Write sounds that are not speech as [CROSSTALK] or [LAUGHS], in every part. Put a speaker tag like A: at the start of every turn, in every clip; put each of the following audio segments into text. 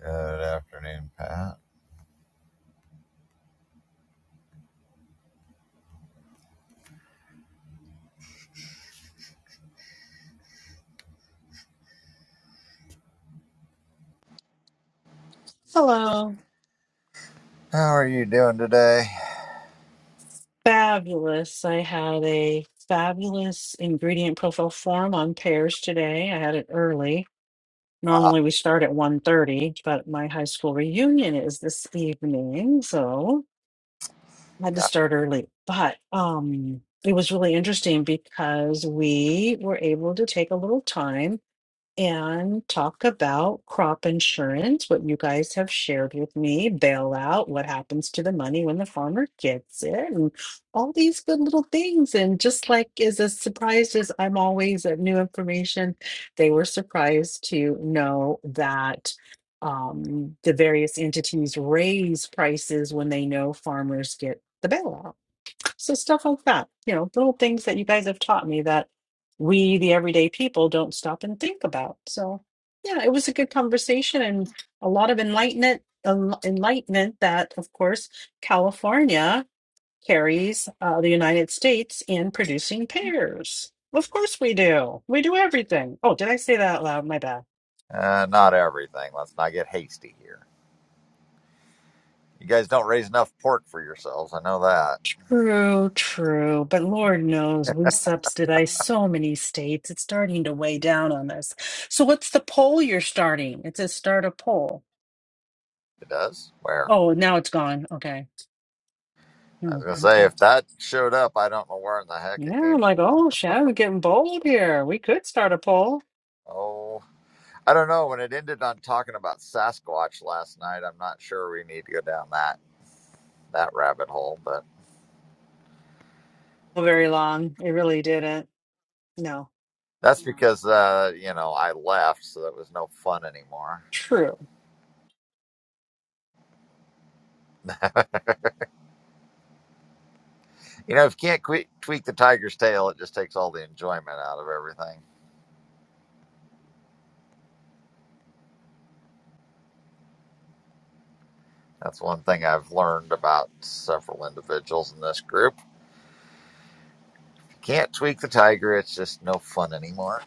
A: Good afternoon, Pat.
B: Hello.
A: How are you doing today?
B: Fabulous. I had a fabulous ingredient profile form on pears today. I had it early.
A: Ah,
B: Normally we start at one thirty, but my high school reunion is this evening, so I had to
A: God.
B: start early. But um it was really interesting because we were able to take a little time and talk about crop insurance, what you guys have shared with me, bailout, what happens to the money when the farmer gets it, and all these good little things. And just like is as surprised as I'm always at new information, they were surprised to know that um, the various entities raise prices when they know farmers get the bailout. So stuff like that, you know, little things that you guys have taught me that we, the everyday people, don't stop and think about. So yeah, it was a good conversation and a lot of enlightenment, en- enlightenment that, of course, California carries uh, the United States in producing pears. Of course we do. We do everything. Oh, did I say that out loud? My bad.
A: Uh, not everything. Let's not get hasty here. You guys don't raise enough pork for yourselves. I know that.
B: True, true. But Lord knows we subsidize so many states. It's starting to weigh down on us. So what's the poll you're starting? It says start a poll.
A: It does? Where?
B: Oh, now it's gone. Okay.
A: I was
B: Oh,
A: going to say,
B: okay.
A: if that showed up, I don't know where in the heck it
B: Yeah,
A: came
B: I'm like, oh, Shadow, we're getting bold here. We could start a poll.
A: from. Oh, I don't know. When it ended on talking about Sasquatch last night, I'm not sure we need to go down that, that rabbit hole, but
B: Well, Very long. It really didn't. No.
A: that's because, uh, you know, I left, so that was no fun anymore.
B: True.
A: You know, if you can't que- tweak the tiger's tail, it just takes all the enjoyment out of everything. That's one thing I've learned about several individuals in this group. Can't tweak the tiger, it's just no fun anymore.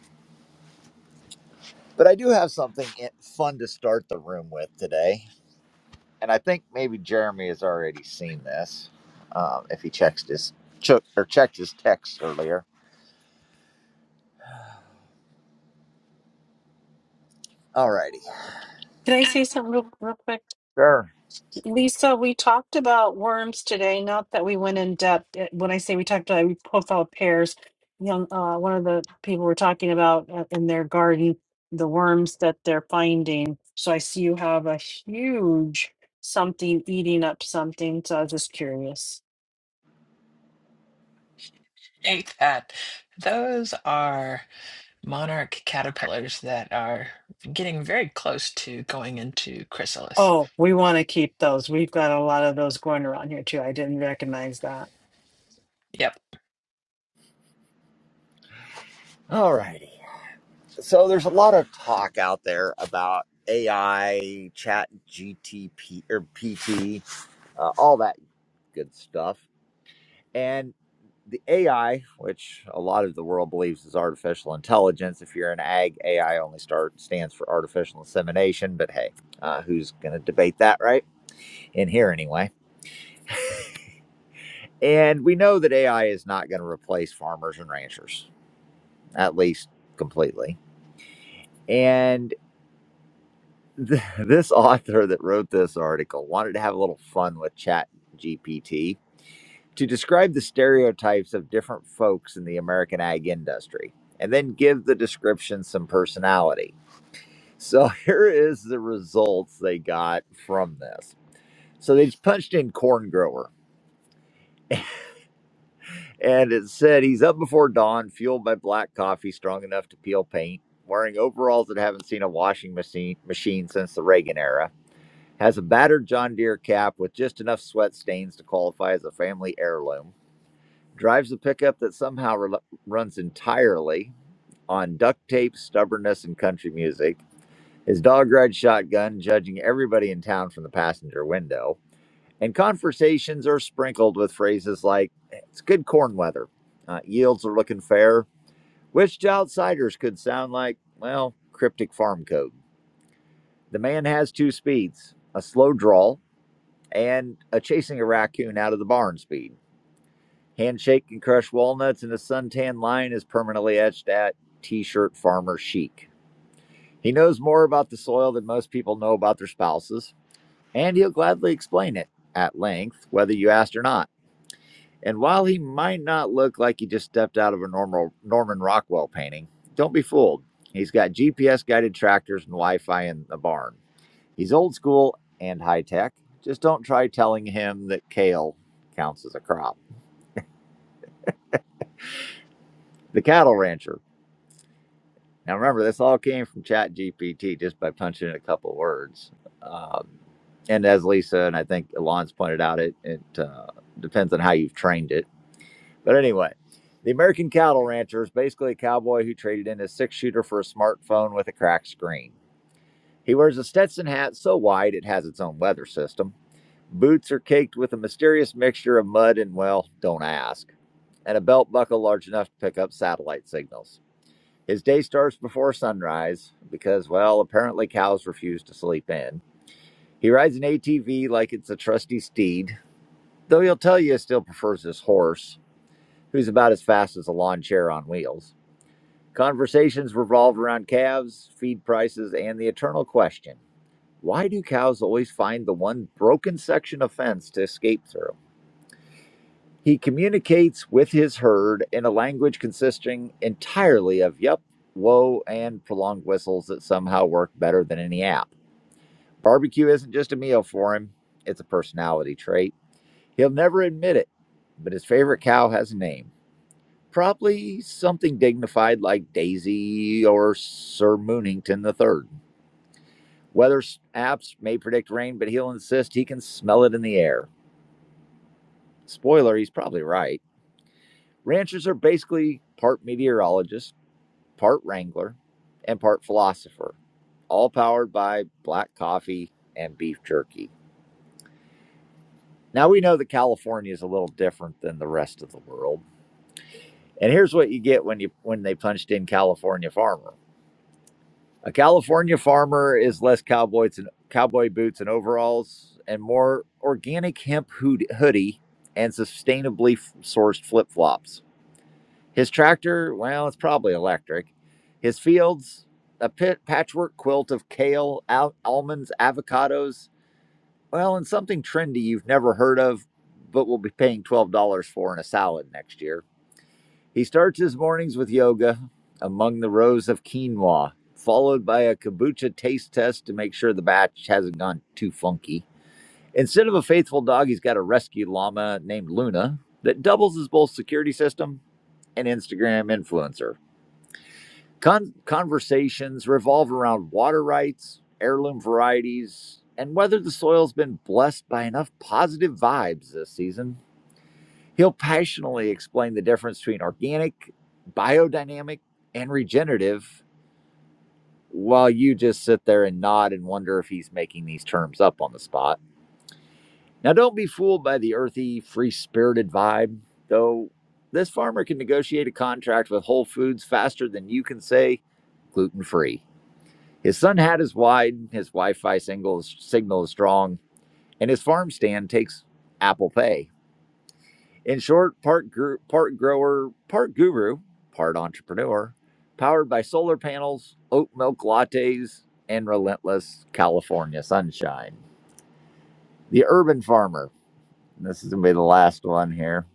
A: But I do have something i- fun to start the room with today. And I think maybe Jeremy has already seen this um, if he checked his, ch- or checked his text earlier. Alrighty.
B: Can I say something real, real quick?
A: Sure.
B: Lisa, we talked about worms today. Not that we went in depth. Uh, When I say we talked about, we profiled pears. Young, uh, one of the people were talking about uh, in their garden the worms that they're finding. So I see you have a huge something eating up something. So I was just curious.
C: think that those are monarch caterpillars that are getting very close to going into chrysalis.
B: Oh, we want to keep those. We've got a lot of those going around here too. I didn't recognize that.
C: Yep.
A: Alrighty. So there's a lot of talk out there about AI, Chat GTP or PT, uh, all that good stuff. And the AI, which a lot of the world believes is artificial intelligence, if you're an ag, AI only start, stands for artificial insemination. But hey, uh, who's going to debate that, right? In here, anyway. And we know that AI is not going to replace farmers and ranchers, at least completely. And [LAUGHS] th- this author that wrote this article wanted to have a little fun with chat gpt to describe the stereotypes of different folks in the american ag industry and then give the description some personality so [LAUGHS] here is the results they got from this so they just punched in corn grower and it said he's up before dawn fueled by black coffee strong enough to peel paint wearing overalls that haven't seen a washing machine machine since the reagan era has a battered John Deere cap with just enough sweat stains to qualify as a family heirloom, drives a pickup that somehow rel runs entirely on duct tape, stubbornness, and country music, his dog red shotgun judging everybody in town from the passenger window, and conversations are sprinkled with phrases like, it's good corn weather, uh, yields are looking fair, which to outsiders could sound like, well, cryptic farm code. The man has two speeds a slow drawl and a chasing a raccoon out of the barn speed. Handshake and crush walnuts, and a suntan line is permanently etched at t shirt farmer chic. He knows more about the soil than most people know about their spouses, and he'll gladly explain it at length, whether you asked or not. And while he might not look like he just stepped out of a normal Norman Rockwell painting, don't be fooled. He's got GPS guided tractors and Wi Fi in the barn. He's old school and high tech. Just don't try telling him that kale counts as a crop. The cattle rancher. Now remember, this all came from ChatGPT just by punching in a couple words. Um, and as Lisa and I think Alon's pointed out, it it uh, depends on how you've trained it. But anyway, the American cattle rancher is basically a cowboy who traded in his six shooter for a smartphone with a cracked screen. He wears a Stetson hat so wide it has its own weather system. Boots are caked with a mysterious mixture of mud and, well, don't ask, and a belt buckle large enough to pick up satellite signals. His day starts before sunrise because, well, apparently cows refuse to sleep in. He rides an ATV like it's a trusty steed, though he'll tell you he still prefers his horse, who's about as fast as a lawn chair on wheels. Conversations revolve around calves, feed prices, and the eternal question why do cows always find the one broken section of fence to escape through? He communicates with his herd in a language consisting entirely of yup, whoa, and prolonged whistles that somehow work better than any app. Barbecue isn't just a meal for him, it's a personality trait. He'll never admit it, but his favorite cow has a name. Probably something dignified like Daisy or Sir Moonington the Third. Weather apps may predict rain, but he'll insist he can smell it in the air. Spoiler, he's probably right. Ranchers are basically part meteorologists part wrangler, and part philosopher, all powered by black coffee and beef jerky. Now we know that California is a little different than the rest of the world. And here's what you get when you when they punched in California farmer. A California farmer is less cowboys and cowboy boots and overalls and more organic hemp hoodie and sustainably sourced flip-flops. His tractor, well, it's probably electric. His fields, a pit patchwork quilt of kale, al- almonds, avocados, well, and something trendy you've never heard of, but will be paying $12 for in a salad next year. He starts his mornings with yoga among the rows of quinoa, followed by a kombucha taste test to make sure the batch hasn't gone too funky. Instead of a faithful dog, he's got a rescue llama named Luna that doubles as both security system and Instagram influencer. Con- conversations revolve around water rights, heirloom varieties, and whether the soil's been blessed by enough positive vibes this season. He'll passionately explain the difference between organic, biodynamic, and regenerative, while you just sit there and nod and wonder if he's making these terms up on the spot. Now, don't be fooled by the earthy, free spirited vibe, though. This farmer can negotiate a contract with Whole Foods faster than you can say gluten free. His sun hat is wide, his Wi Fi signal is strong, and his farm stand takes Apple Pay. In short, part, gr- part grower, part guru, part entrepreneur, powered by solar panels, oat milk lattes, and relentless California sunshine. The urban farmer. This is going to be the last one here.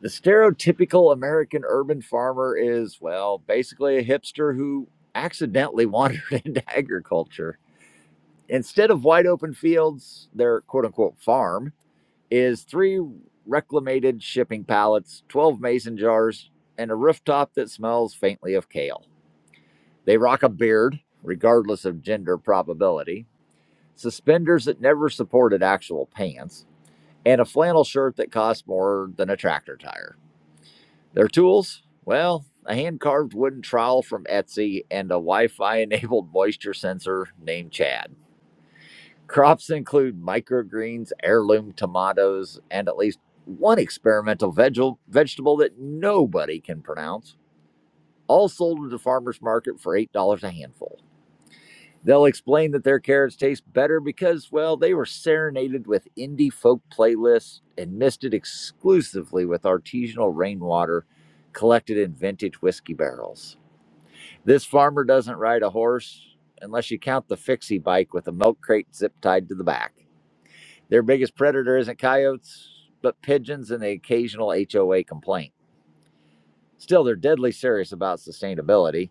A: The stereotypical American urban farmer is, well, basically a hipster who accidentally wandered [LAUGHS] into agriculture Instead of wide open fields, their quote unquote farm is three reclamated shipping pallets, 12 mason jars, and a rooftop that smells faintly of kale. They rock a beard, regardless of gender probability, suspenders that never supported actual pants, and a flannel shirt that costs more than a tractor tire. Their tools? Well, a hand carved wooden trowel from Etsy and a Wi Fi enabled moisture sensor named Chad. Crops include microgreens, heirloom tomatoes, and at least one experimental veg- vegetable that nobody can pronounce, all sold at the farmer's market for $8 a handful. They'll explain that their carrots taste better because, well, they were serenaded with indie folk playlists and misted exclusively with artisanal rainwater collected in vintage whiskey barrels. This farmer doesn't ride a horse unless you count the fixie bike with a milk crate zip tied to the back. Their biggest predator isn't coyotes, but pigeons and the occasional HOA complaint. Still, they're deadly serious about sustainability.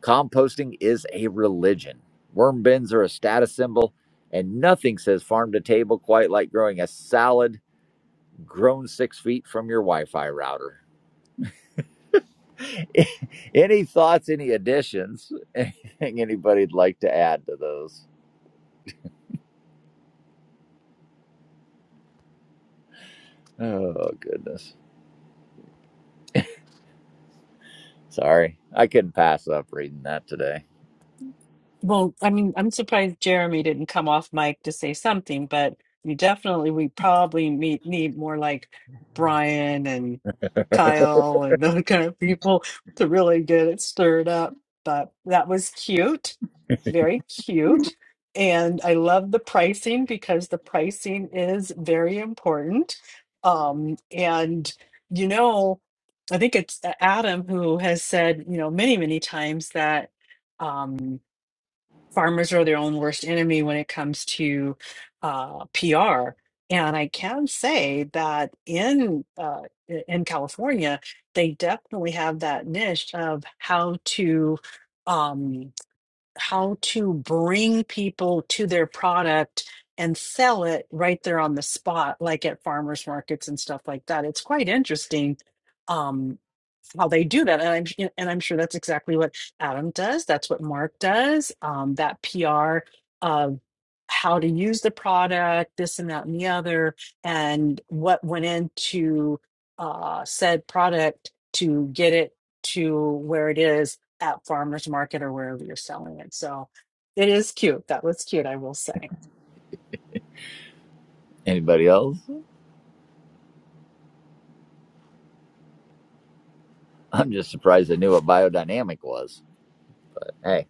A: Composting is a religion. Worm bins are a status symbol, and nothing says farm to table quite like growing a salad grown six feet from your Wi Fi router. [LAUGHS] any thoughts, any additions, [LAUGHS] anything anybody'd like to add to those? Oh, goodness. Sorry, I couldn't pass up reading that today.
B: Well, I mean, I'm surprised Jeremy didn't come off mic to say something, but you definitely, we probably meet, need more like Brian and Kyle and [LAUGHS] those kind of people to really get it stirred up. But that was cute, very cute. And I love the pricing because the pricing is very important. Um, and, you know, I think it's Adam who has said, you know, many, many times that. Um, farmers are their own worst enemy when it comes to uh, PR. And I can say that in uh, i- in California, they definitely have that niche of how to um, how to bring people to their product and sell it right there on the spot, like at farmers markets and stuff like that. It's quite interesting. Um, how they do that and i'm and i'm sure that's exactly what adam does that's what mark does um, that pr of how to use the product this and that and the other and what went into uh, said product to get it to where it is at farmers market or wherever you're selling it so it is cute that was cute i will say
A: Anybody else? I'm just surprised I knew what biodynamic was. Hey,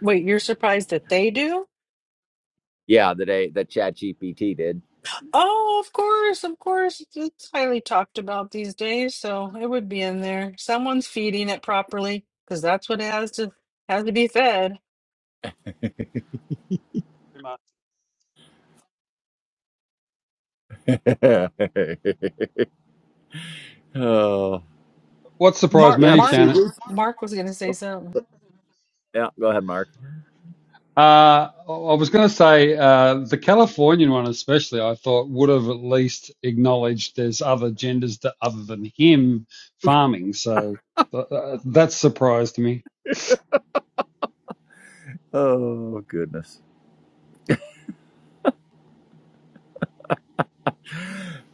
B: wait you're surprised that they do
A: yeah, the day that Chat GPT did.
B: Oh, of course, of course. It's it's highly talked about these days, so it would be in there. Someone's feeding it properly because that's what it has to has to be fed.
A: [LAUGHS] oh,
D: What surprised
B: Mark,
A: yeah,
D: me,
A: but
B: Mark,
A: see,
D: Shannon,
A: Lucy.
B: Mark was going to say something.
A: Yeah, go ahead, Mark.
D: uh, I was going to say uh, the Californian one, especially, I thought would have at least acknowledged there's other genders that, other than him farming. So th- uh, that surprised me.
A: Oh goodness.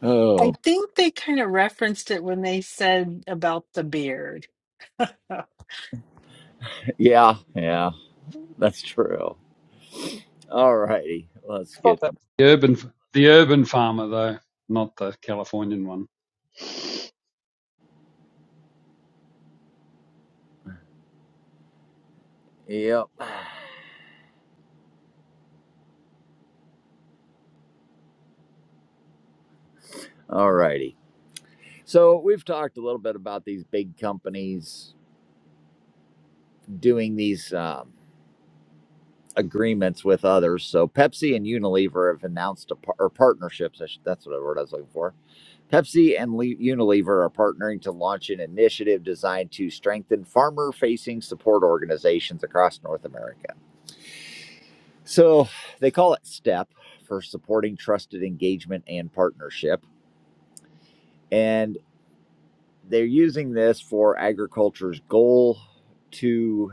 A: Oh,
B: I think they kind of referenced it when they said about the beard. Uh,
A: yeah, yeah, that's true. All righty, let's
D: I
A: get.
D: thought that was the urban, the urban farmer, though, not the Californian one.
A: Yep. All righty. So we've talked a little bit about these big companies doing these. um, agreements with others. So Pepsi and Unilever have announced a par- or partnerships. I should, that's what word I was looking for. Pepsi and Le- Unilever are partnering to launch an initiative designed to strengthen farmer-facing support organizations across North America. So they call it STEP for supporting trusted engagement and partnership, and they're using this for agriculture's goal to.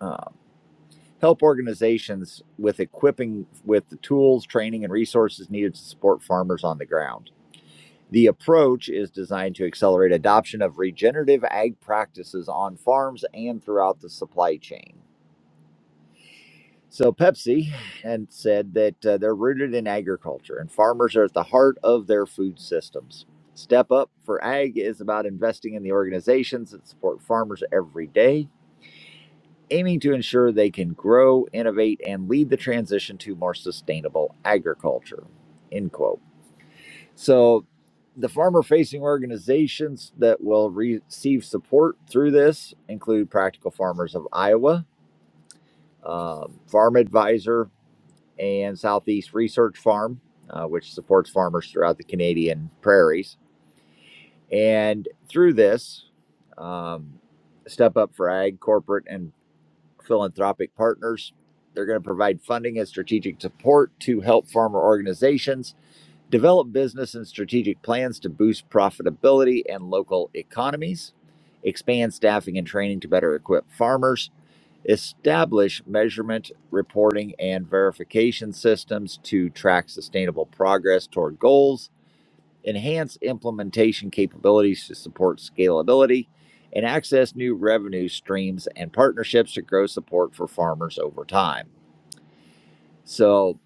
A: uh, help organizations with equipping with the tools, training, and resources needed to support farmers on the ground. The approach is designed to accelerate adoption of regenerative ag practices on farms and throughout the supply chain. So Pepsi had said that uh, they're rooted in agriculture and farmers are at the heart of their food systems. Step Up for Ag is about investing in the organizations that support farmers every day aiming to ensure they can grow, innovate, and lead the transition to more sustainable agriculture. End quote. So, the farmer facing organizations that will receive support through this include Practical Farmers of Iowa, um, Farm Advisor, and Southeast Research Farm, uh, which supports farmers throughout the Canadian prairies. And through this, um, Step Up for Ag, corporate and philanthropic partners. They're going to provide funding and strategic support to help farmer organizations develop business and strategic plans to boost profitability and local economies, expand staffing and training to better equip farmers, establish measurement, reporting, and verification systems to track sustainable progress toward goals enhance implementation capabilities to support scalability, and access new revenue streams and partnerships to grow support for farmers over time. So,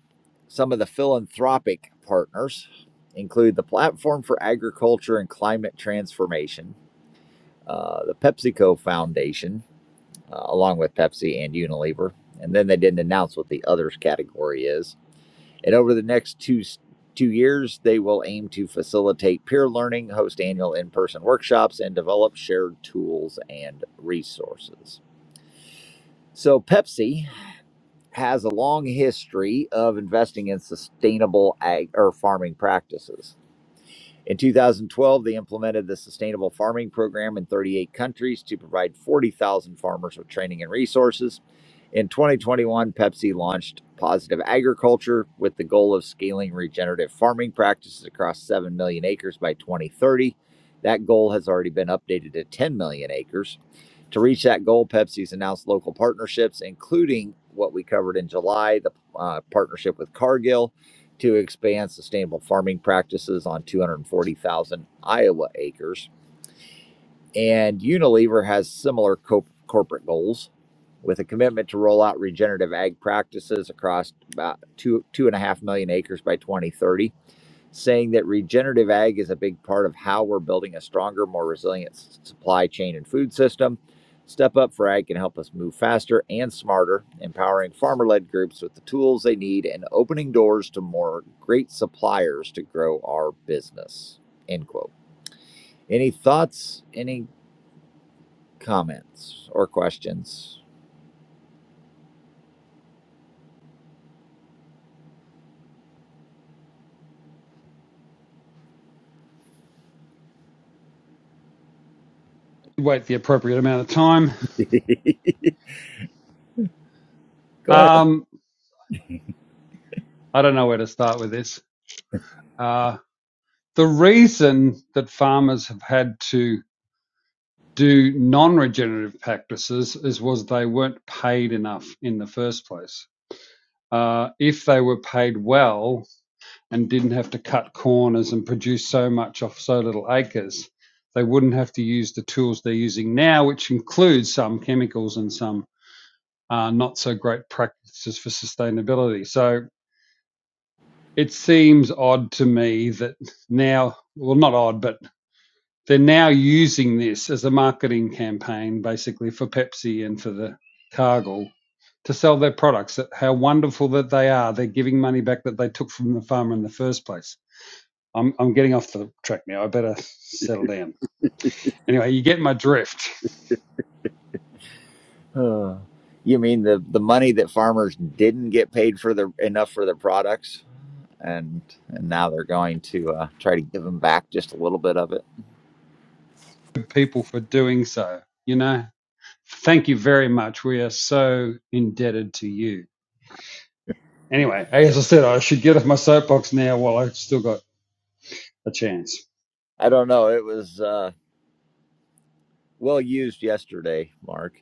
A: some of the philanthropic partners include the Platform for Agriculture and Climate Transformation, uh, the PepsiCo Foundation, uh, along with Pepsi and Unilever. And then they didn't announce what the others category is and over the next two two years, they will aim to facilitate peer learning, host annual in-person workshops, and develop shared tools and resources. So Pepsi has a long history of investing in sustainable ag or farming practices. In 2012, they implemented the Sustainable Farming Program in 38 countries to provide 40,000 farmers with training and resources. In 2021, Pepsi launched Positive Agriculture with the goal of scaling regenerative farming practices across 7 million acres by 2030. That goal has already been updated to 10 million acres. To reach that goal, Pepsi's announced local partnerships, including what we covered in July the uh, partnership with Cargill to expand sustainable farming practices on 240,000 Iowa acres. And Unilever has similar co- corporate goals with a commitment to roll out regenerative ag practices across about two, two and a half million acres by 2030 saying that regenerative ag is a big part of how we're building a stronger, more resilient supply chain and food system. Step Up for Ag can help us move faster and smarter, empowering farmer led groups with the tools they need and opening doors to more great suppliers to grow our business. End quote. Any thoughts, any comments or questions?
D: Wait the appropriate amount of time.
A: Go ahead.
D: Um, I don't know where to start with this. Uh, the reason that farmers have had to do non-regenerative practices is was they weren't paid enough in the first place. Uh, if they were paid well and didn't have to cut corners and produce so much off so little acres, they wouldn't have to use the tools they're using now, which includes some chemicals and some uh, not so great practices for sustainability. So it seems odd to me that now, well, not odd, but they're now using this as a marketing campaign, basically for Pepsi and for the Cargill to sell their products. how wonderful that they are. They're giving money back that they took from the farmer in the first place. I'm I'm getting off the track now. I better settle down. Anyway, you get my drift. [LAUGHS]
A: Uh, you mean the, the money that farmers didn't get paid for the enough for their products? and and now they're going to uh, try to give him back just a little bit of it.
D: Good people for doing so. You know. Thank you very much. We are so indebted to you. Anyway, as I said, I should get off my soapbox now while I have still got a chance.
A: I don't know. It was uh, well used yesterday, Mark.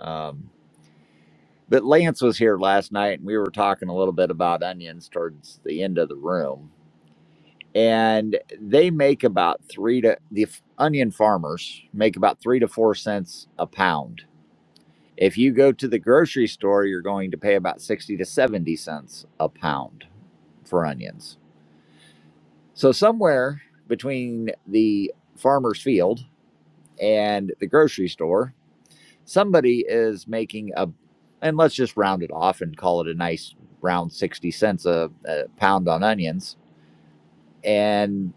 A: Um, but Lance was here last night, and we were talking a little bit about onions towards the end of the room. And they make about three to the f- onion farmers make about three to four cents a pound. If you go to the grocery store, you're going to pay about sixty to seventy cents a pound for onions So somewhere between the farmer's field and the grocery store, somebody is making a, and let's just round it off and call it a nice round 60 cents a, a pound on onions. And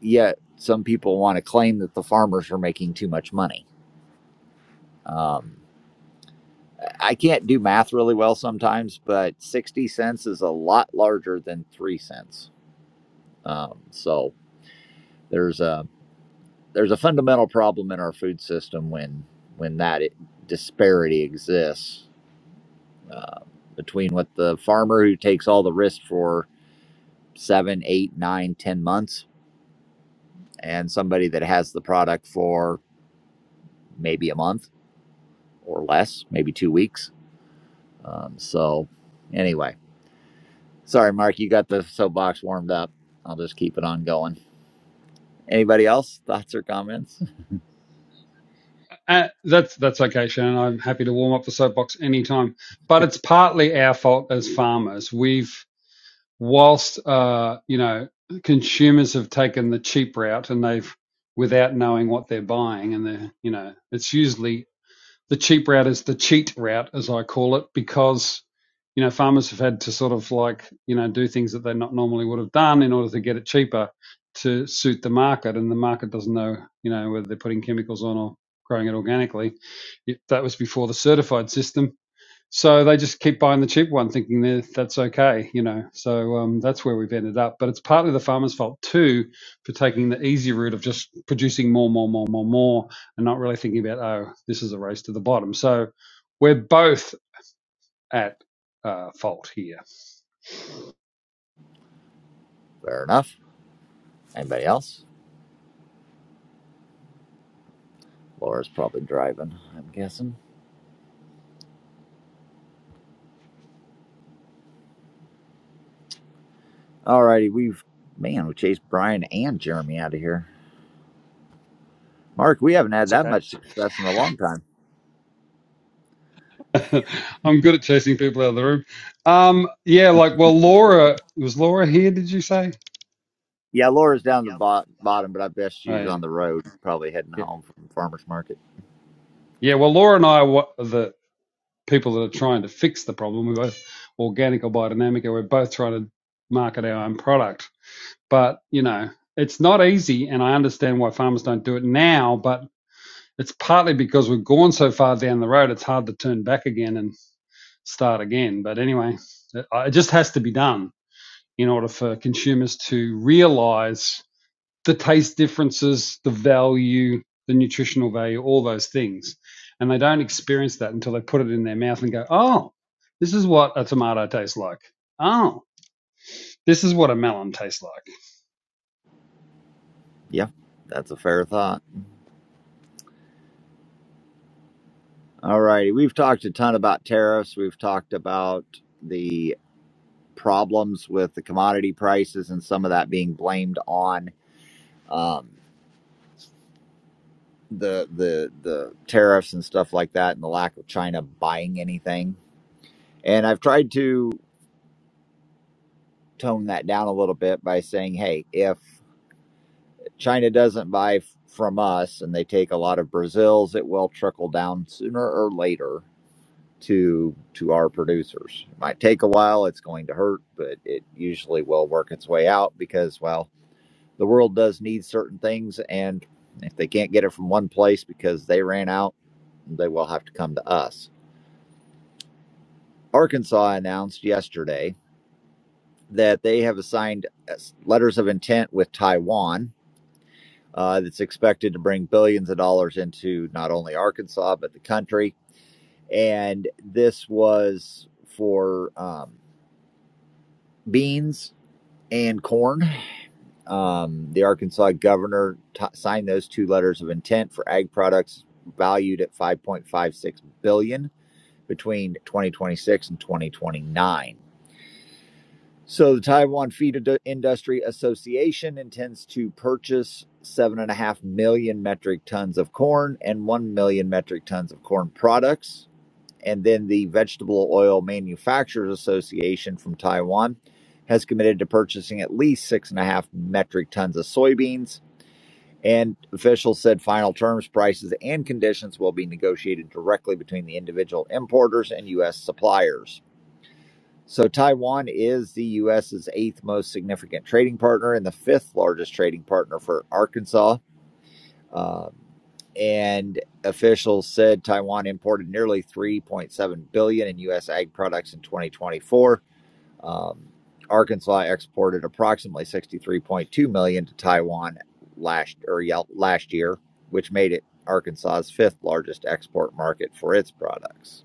A: yet some people want to claim that the farmers are making too much money. Um, I can't do math really well sometimes, but 60 cents is a lot larger than three cents. Um, so there's a, there's a fundamental problem in our food system when when that disparity exists uh, between what the farmer who takes all the risk for seven, eight, nine, ten months, and somebody that has the product for maybe a month or less, maybe two weeks. Um, so, anyway, sorry, Mark, you got the soapbox warmed up. I'll just keep it on going. Anybody else? Thoughts or comments?
D: Uh, that's that's okay, Shannon. I'm happy to warm up the soapbox anytime. But it's partly our fault as farmers. We've, whilst uh, you know, consumers have taken the cheap route and they've, without knowing what they're buying, and they're, you know, it's usually the cheap route is the cheat route, as I call it, because you know farmers have had to sort of like you know do things that they not normally would have done in order to get it cheaper to suit the market, and the market doesn't know you know whether they're putting chemicals on or growing it organically. that was before the certified system, so they just keep buying the cheap one, thinking that that's okay, you know. So um, that's where we've ended up. But it's partly the farmer's fault too for taking the easy route of just producing more, more, more, more, more, and not really thinking about oh, this is a race to the bottom. So we're both at uh, fault here.
A: [LAUGHS] Fair enough. Anybody else? Laura's probably driving. I'm guessing. All righty, we've man, we chased Brian and Jeremy out of here. Mark, we haven't had that much success in a long time.
D: [LAUGHS] I'm good at chasing people out of the room. Um, yeah, like well, Laura was Laura here. Did you say?
A: Yeah, Laura's down the bo- bottom, but I bet
D: Oh
A: she's
D: yeah,
A: on the road, probably heading
D: yeah,
A: home from farmers market.
D: yeah. Well, Laura and I are what, the people that are trying to fix the problem. We're both organic or biodynamic, and we're both trying to market our own product. But you know, it's not easy, and I understand why farmers don't do it now. But it's partly because we've gone so far down the road; it's hard to turn back again and start again. But anyway, it it just has to be done in order for consumers to realise the taste differences, the value, the nutritional value, all those things. And they don't experience that until they put it in their mouth and go, oh, this is what a tomato tastes like. Oh, this is what a melon tastes like.
A: Yeah, that's a fair thought. All righty, we've talked a ton about tariffs. We've talked about the problems with the commodity prices and some of that being blamed on um, the the the tariffs and stuff like that, and the lack of China buying anything. And I've tried to tone that down a little bit by saying, hey, if China doesn't buy f- from us and they take a lot of Brazil's, it will trickle down sooner or later to to our producers. It might take a while, it's going to hurt, but it usually will work its way out because well, the world does need certain things and if they can't get it from one place because they ran out, they will have to come to us. Arkansas announced yesterday that they have assigned uh, letters of intent with Taiwan uh, that's expected to bring billions of dollars into not only Arkansas but the country. And this was for um, beans and corn. Um, the Arkansas governor t- signed those two letters of intent for ag products valued at 5.56 billion dollars between 2026 and 2029. So the Taiwan Feed Industry Association intends to purchase 7.5 million metric tons of corn and 1 million metric tons of corn products. And then the Vegetable Oil Manufacturers Association from Taiwan has committed to purchasing at least 6.5 metric tons of soybeans. And officials said final terms, prices, and conditions will be negotiated directly between the individual importers and U.S. suppliers. So Taiwan is the U.S.'s eighth most significant trading partner and the fifth largest trading partner for Arkansas. Um, and officials said Taiwan imported nearly 3.7 billion dollars in U.S. ag products in 2024. Um, Arkansas exported approximately 63.2 million dollars to Taiwan last or yeah, last year, which made it Arkansas's fifth largest export market for its products.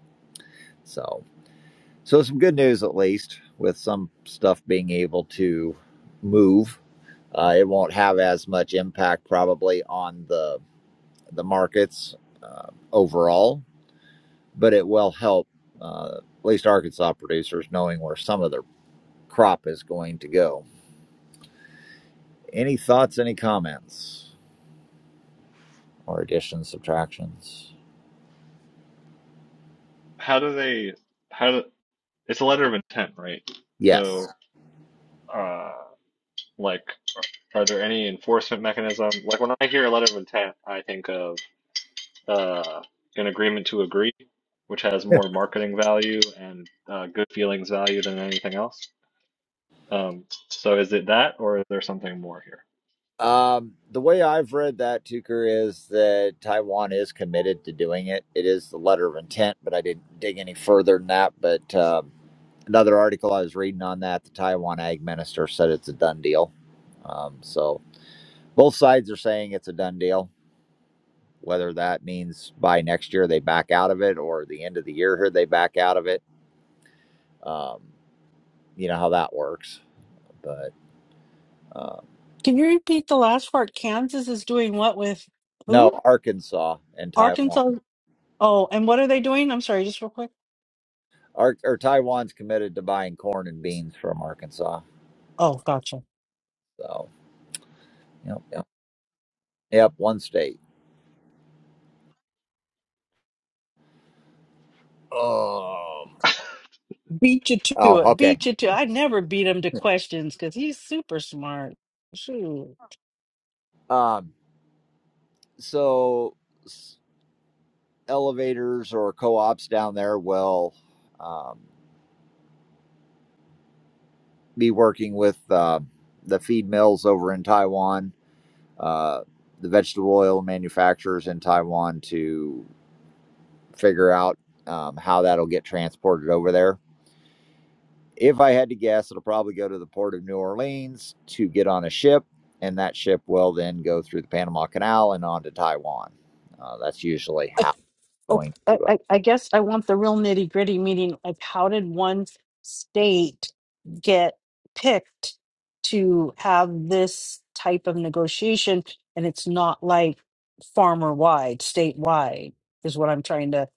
A: So. So some good news at least with some stuff being able to move. Uh, it won't have as much impact probably on the the markets uh, overall, but it will help uh, at least Arkansas producers knowing where some of their crop is going to go. Any thoughts? Any comments? Or additions, subtractions?
E: how do they how do, it's a letter of intent, right?
A: Yes.
E: So, uh, like, are there any enforcement mechanism? Like, when I hear a letter of intent, I think of uh, an agreement to agree, which has more marketing value and uh, good feelings value than anything else. Um, so, is it that, or is there something more here?
A: Um, the way I've read that, Tucker, is that Taiwan is committed to doing it. It is the letter of intent, but I didn't dig any further than that. But um, another article I was reading on that, the Taiwan ag minister said it's a done deal. Um, so both sides are saying it's a done deal. Whether that means by next year they back out of it or the end of the year here they back out of it, um, you know how that works. But uh,
B: Can you repeat the last part? Kansas is doing what with who?
A: no, Arkansas and Taiwan.
B: Arkansas. Oh, and what are they doing? I'm sorry, just real quick.
A: Our or Taiwan's committed to buying corn and beans from Arkansas.
B: Oh, gotcha.
A: So yep, yep, yep. One state. Um,
B: Beat you to
A: Oh,
B: it.
A: okay.
B: Beat you to. I never beat him to questions because he's super smart. Shoot.
A: Um, so s- elevators or co-ops down there will um, be working with uh, the feed mills over in Taiwan, uh, the vegetable oil manufacturers in Taiwan to figure out um, how that'll get transported over there. If I had to guess, it'll probably go to the port of New Orleans to get on a ship, and that ship will then go through the Panama Canal and on to Taiwan. Uh, that's usually how it's
B: Oh,
A: going
B: I,
A: to. Uh,
B: I I guess I want the real nitty gritty meaning of how did one state get picked to have this type of negotiation? And it's not like farmer wide, statewide, is what I'm trying to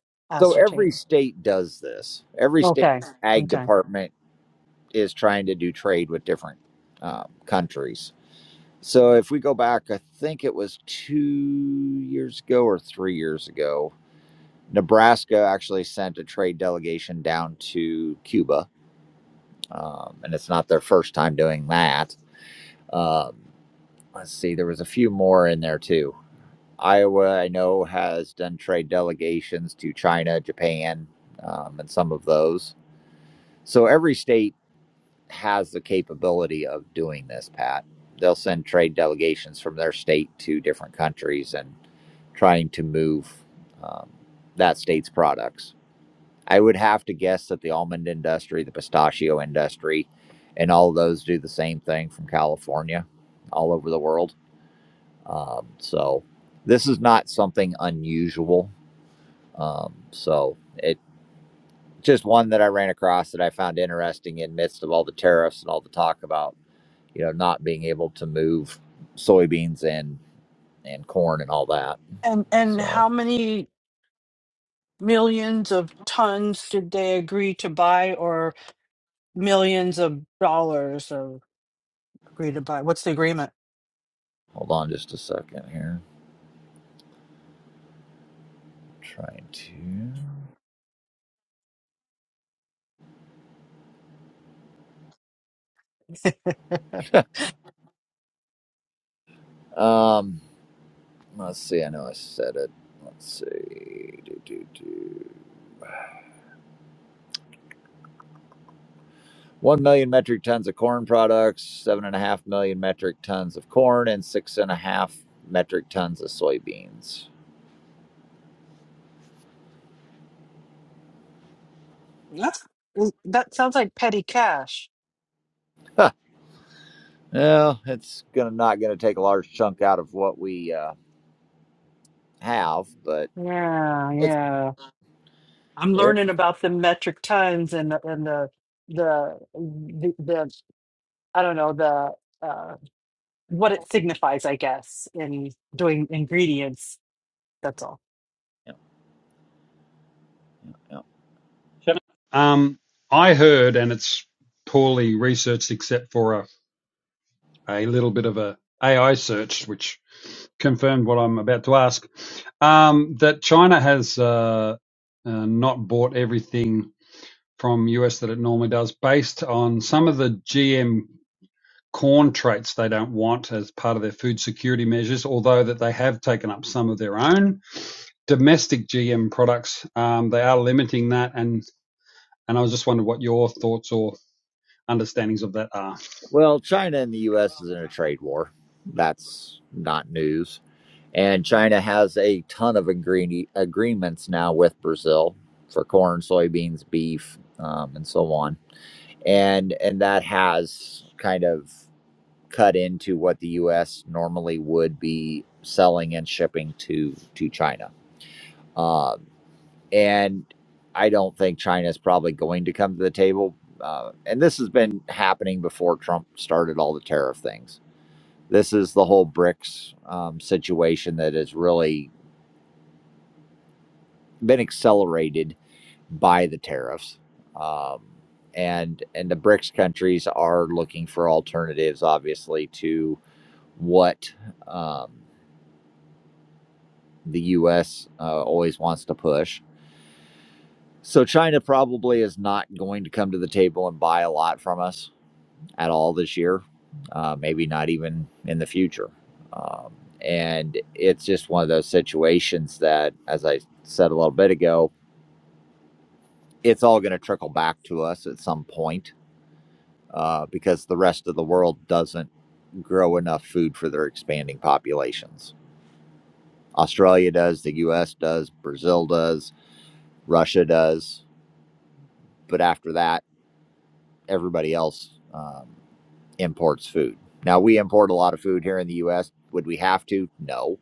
A: so every
B: ascertain.
A: state does this. Every state
B: Okay.
A: ag
B: Okay.
A: department is trying to do trade with different uh, countries. So if we go back, I think it was two years ago or three years ago, Nebraska actually sent a trade delegation down to Cuba, um, and it's not their first time doing that. Um, let's see, there was a few more in there too. Iowa, I know, has done trade delegations to China, Japan, um, and some of those. So every state has the capability of doing this, Pat. They'll send trade delegations from their state to different countries and trying to move um, that state's products. I would have to guess that the almond industry, the pistachio industry, and all of those do the same thing from California all over the world. Um, so this is not something unusual. Um, so it just one that I ran across that I found interesting in midst of all the tariffs and all the talk about you know, not being able to move soybeans and and corn and all that.
B: And and
A: So
B: how many millions of tons did they agree to buy, or millions of dollars are agreed by. What's the agreement?
A: hold on just a second here. Trying to.
B: [LAUGHS]
A: Um, let's see. I know I said it. Let's see. Do, do, do. One million metric tons of corn products, seven and a half million metric tons of corn, and six and a half metric tons of soybeans.
B: That's that sounds like petty cash.
A: Huh. Well, it's gonna not gonna take a large chunk out of what we uh, have, but
B: Yeah,
A: it's,
B: yeah. I'm
A: it,
B: learning about the metric tons and the and the the the, the I don't know the uh, what it signifies, I guess, in doing ingredients. That's all.
A: yeah, yeah.
D: Um, I heard, and it's poorly researched except for a, a little bit of a AI search, which confirmed what I'm about to ask, um, that China has uh, uh, not bought everything from US that it normally does, based on some of the GM corn traits they don't want as part of their food security measures, although that they have taken up some of their own domestic GM products. Um, they are limiting that, and and I was just wondering what your thoughts or understandings of that are.
A: Well, China and the U.S. is in a trade war. That's not news. And China has a ton of agree- agreements now with Brazil for corn, soybeans, beef, um, and so on. And and that has kind of cut into what the U.S. normally would be selling and shipping to to China. Um, and I don't think China is probably going to come to the table. Uh, and this has been happening before Trump started all the tariff things this is the whole BRICS um, situation that has really been accelerated by the tariffs. Um, and and the BRICS countries are looking for alternatives, obviously, to what um, the U.S. Uh, always wants to push. So China probably is not going to come to the table and buy a lot from us at all this year, uh, maybe not even in the future. Um, and it's just one of those situations that, as I said a little bit ago, it's all going to trickle back to us at some point uh, because the rest of the world doesn't grow enough food for their expanding populations. Australia does, the US does, Brazil does, Russia does. But after that, everybody else um, imports food. Now, we import a lot of food here in the US. Would we have to? No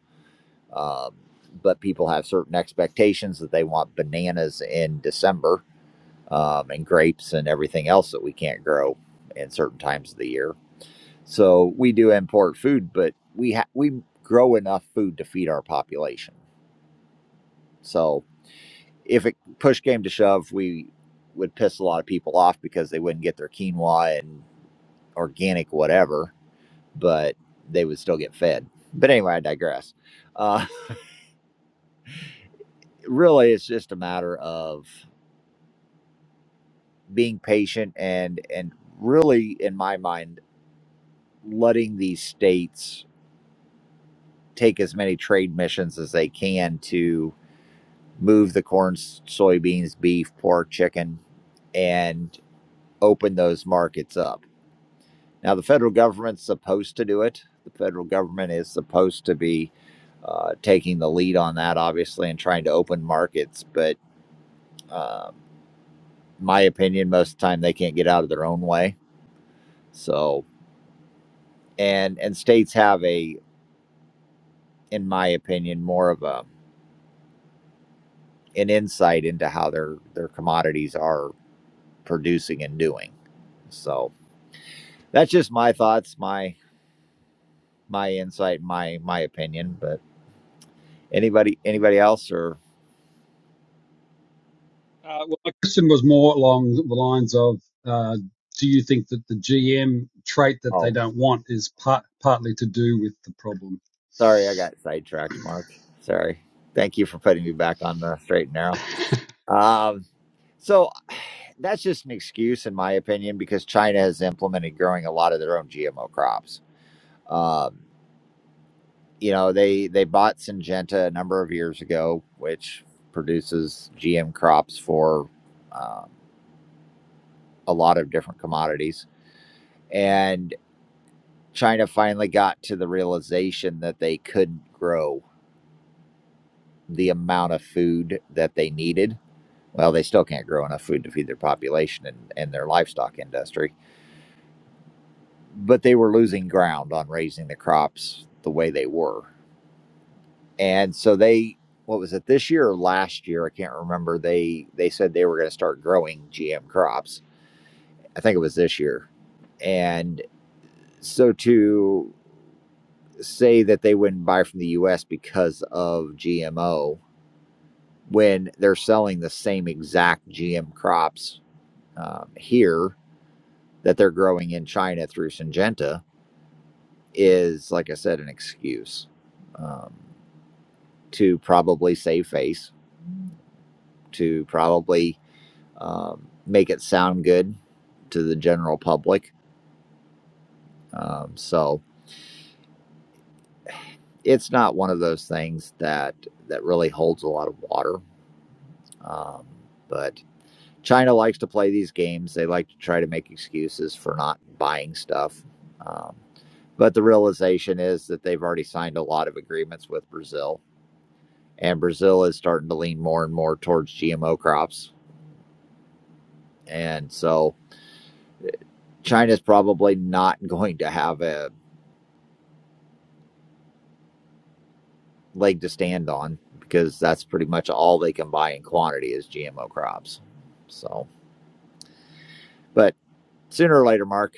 A: Um, but people have certain expectations that they want bananas in December um, and grapes and everything else that we can't grow in certain times of the year. So we do import food, but we ha- we grow enough food to feed our population. So if it push came to shove, we would piss a lot of people off because they wouldn't get their quinoa and organic whatever, but they would still get fed. But anyway, I digress. Uh, [LAUGHS] really, it's just a matter of being patient and and really in my mind letting these states take as many trade missions as they can to move the corn s- soybeans beef pork chicken and open those markets up now the federal government's supposed to do it the federal government is supposed to be uh, taking the lead on that obviously and trying to open markets but um my opinion most of the time they can't get out of their own way so and and states have a in my opinion, more of a an insight into how their their commodities are producing and doing. So that's just my thoughts, my my insight, my my opinion. But anybody anybody else or
D: Uh, well, my question was more along the lines of. Uh, do you think that the GM trait that they
A: oh
D: don't want is part, partly to do with the problem?
A: sorry, I got sidetracked, Mark. Sorry. Thank you for putting me back on the straight and narrow.
D: [LAUGHS]
A: Um, so [SIGHS] that's just an excuse, in my opinion, because China has implemented growing a lot of their own GMO crops. Um, you know they they bought Syngenta a number of years ago, which produces GM crops for um, a lot of different commodities. And China finally got to the realization that they couldn't grow the amount of food that they needed. Well, they still can't grow enough food to feed their population and, and their livestock industry, but they were losing ground on raising the crops the way they were and so they what was it this year or last year i can't remember they they said they were going to start growing gm crops i think it was this year and so to say that they wouldn't buy from the us because of gmo when they're selling the same exact gm crops um, here that they're growing in china through syngenta is like i said an excuse um, to probably save face to probably um, make it sound good to the general public. Um, so it's not one of those things that that really holds a lot of water. Um, but China likes to play these games. They like to try to make excuses for not buying stuff. Um, but the realization is that they've already signed a lot of agreements with Brazil, and Brazil is starting to lean more and more towards GMO crops. And so China's probably not [LAUGHS] going to have a leg to stand on because that's pretty much all they can buy in quantity is GMO crops. So, but sooner or later, Mark,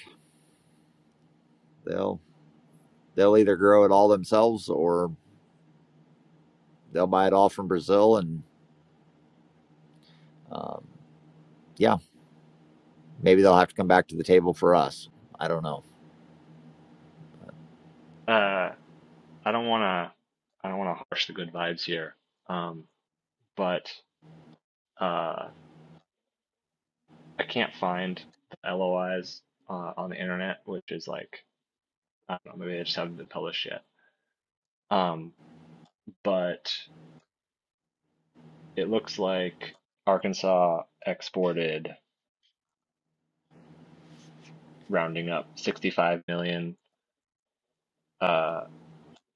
A: they'll they'll either grow it all themselves or they'll buy it all from Brazil, and um, yeah, maybe they'll have to come back to the table for us. I don't know.
E: Uh, I don't want to I don't want to harsh the good vibes here, um, but uh, I can't find the LOIs uh, on the internet, which is like I don't know, maybe they just haven't been published yet. Um, but it looks like Arkansas exported, rounding up, 65 million uh,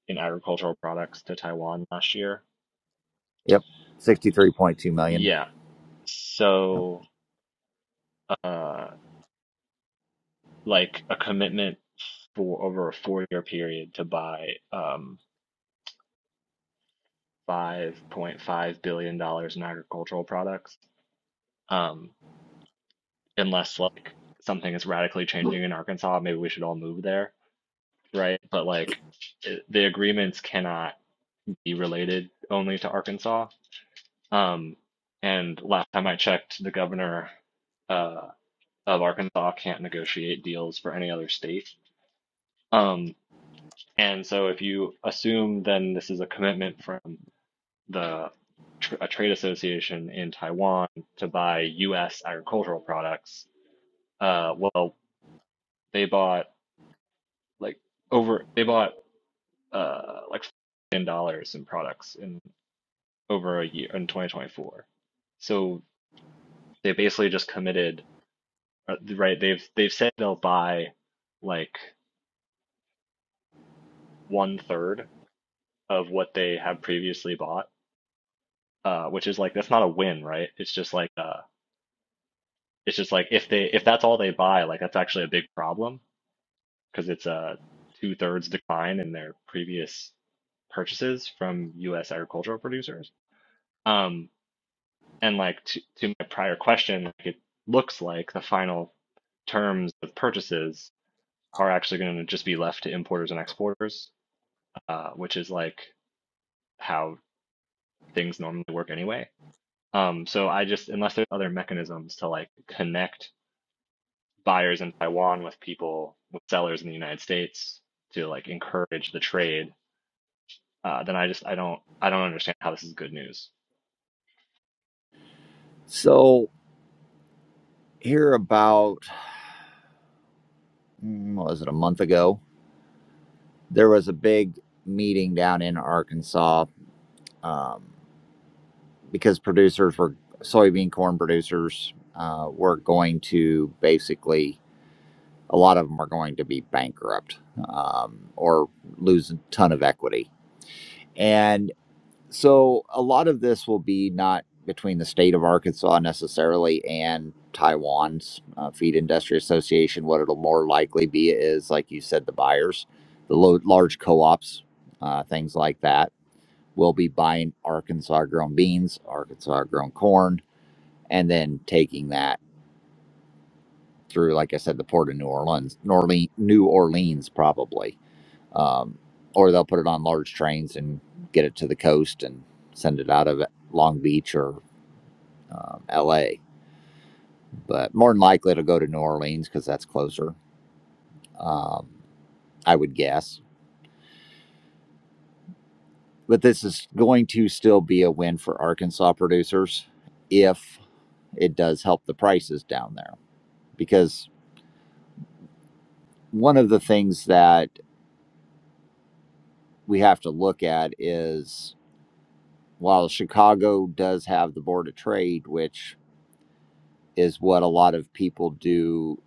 E: in agricultural products to Taiwan last year.
A: Yep, sixty-three point two million.
E: Yeah.
A: Yep.
E: So, uh, like a commitment for over a four-year period to buy um, $5.5 billion dollars in agricultural products, um, unless like something is radically changing in Arkansas, maybe we should all move there. right? But like i- the agreements cannot be related only to Arkansas. Um, and last time I checked, the governor uh, of Arkansas can't negotiate deals for any other state. Um, and so if you assume then this is a commitment from the tr a trade association in Taiwan to buy U.S. agricultural products, uh, well, they bought like over they bought uh, like four billion dollars in products in over a year in 2024. So they basically just committed, uh, right? They've they've said they'll buy like one third of what they have previously bought, uh, which is like that's not a win, right? It's just like uh, it's just like if they if that's all they buy, like that's actually a big problem because it's a two thirds decline in their previous purchases from U.S. agricultural producers. Um, And like to, to my prior question, like it looks like the final terms of purchases are actually going to just be left to importers and exporters, uh, which is like how things normally work anyway. Um, so I just, unless there's other mechanisms to like connect buyers in Taiwan with people, with sellers in the United States to like encourage the trade, uh, then I just, I don't, I don't understand how this is good news.
A: So here about mm, what was it a month ago? There was a big meeting down in Arkansas. Um, because producers were soybean corn producers uh, were going to basically a lot of them are going to be bankrupt um, or lose a ton of equity and so a lot of this will be not between the state of arkansas necessarily and taiwan's uh, feed industry association what it'll more likely be is like you said the buyers the lo- large co-ops uh, things like that will be buying arkansas grown beans arkansas grown corn and then taking that through, like I said, the port of New Orleans, New Orleans, New Orleans probably, um, or they'll put it on large trains and get it to the coast and send it out of Long Beach or um, L.A. But more than likely, it'll go to New Orleans because that's closer, um, I would guess. But this is going to still be a win for Arkansas producers if it does help the prices down there, because one of the things that we have to look at is while Chicago does have the Board of Trade, which is what a lot of people do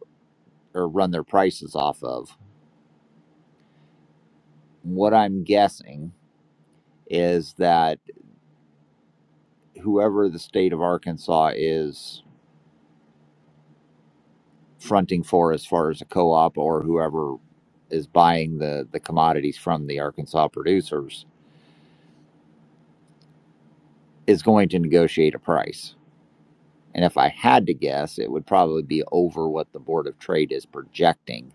A: or run their prices off of, what I'm guessing is that whoever the state of Arkansas is fronting for as far as a co op or whoever is buying the, the commodities from the Arkansas producers is going to negotiate a price. And if I had to guess, it would probably be over what the Board of Trade is projecting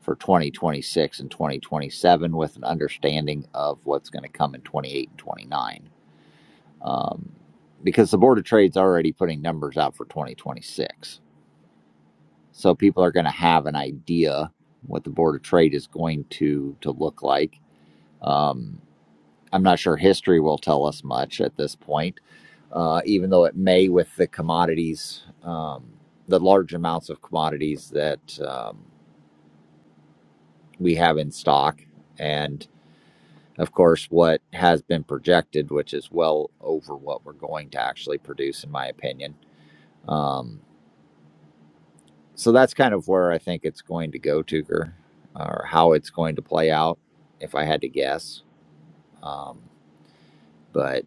A: for 2026 and 2027, with an understanding of what's going to come in 28 and 29. Um, because the Board of Trade's already putting numbers out for 2026. So people are going to have an idea what the Board of Trade is going to, to look like. Um, I'm not sure history will tell us much at this point, uh, even though it may with the commodities, um, the large amounts of commodities that um, we have in stock, and of course, what has been projected, which is well over what we're going to actually produce, in my opinion. Um, so that's kind of where I think it's going to go, Tucker, or how it's going to play out, if I had to guess. Um, but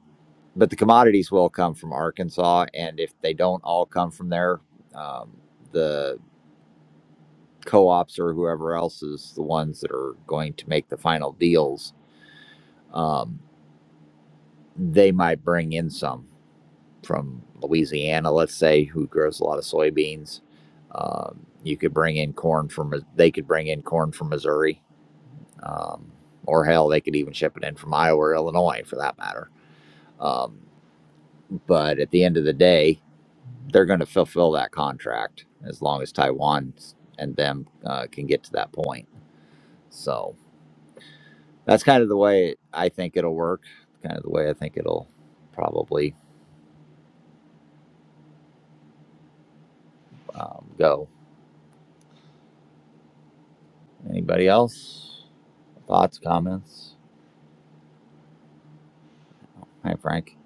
A: but the commodities will come from Arkansas, and if they don't all come from there, um, the co-ops or whoever else is the ones that are going to make the final deals. Um, they might bring in some from Louisiana, let's say, who grows a lot of soybeans. Um, you could bring in corn from they could bring in corn from Missouri, um, or hell, they could even ship it in from Iowa or Illinois, for that matter. Um, but at the end of the day, they're going to fulfill that contract as long as Taiwan and them uh, can get to that point. So that's kind of the way I think it'll work. Kind of the way I think it'll probably um, go. Anybody else? Thoughts, comments? Hi, Frank.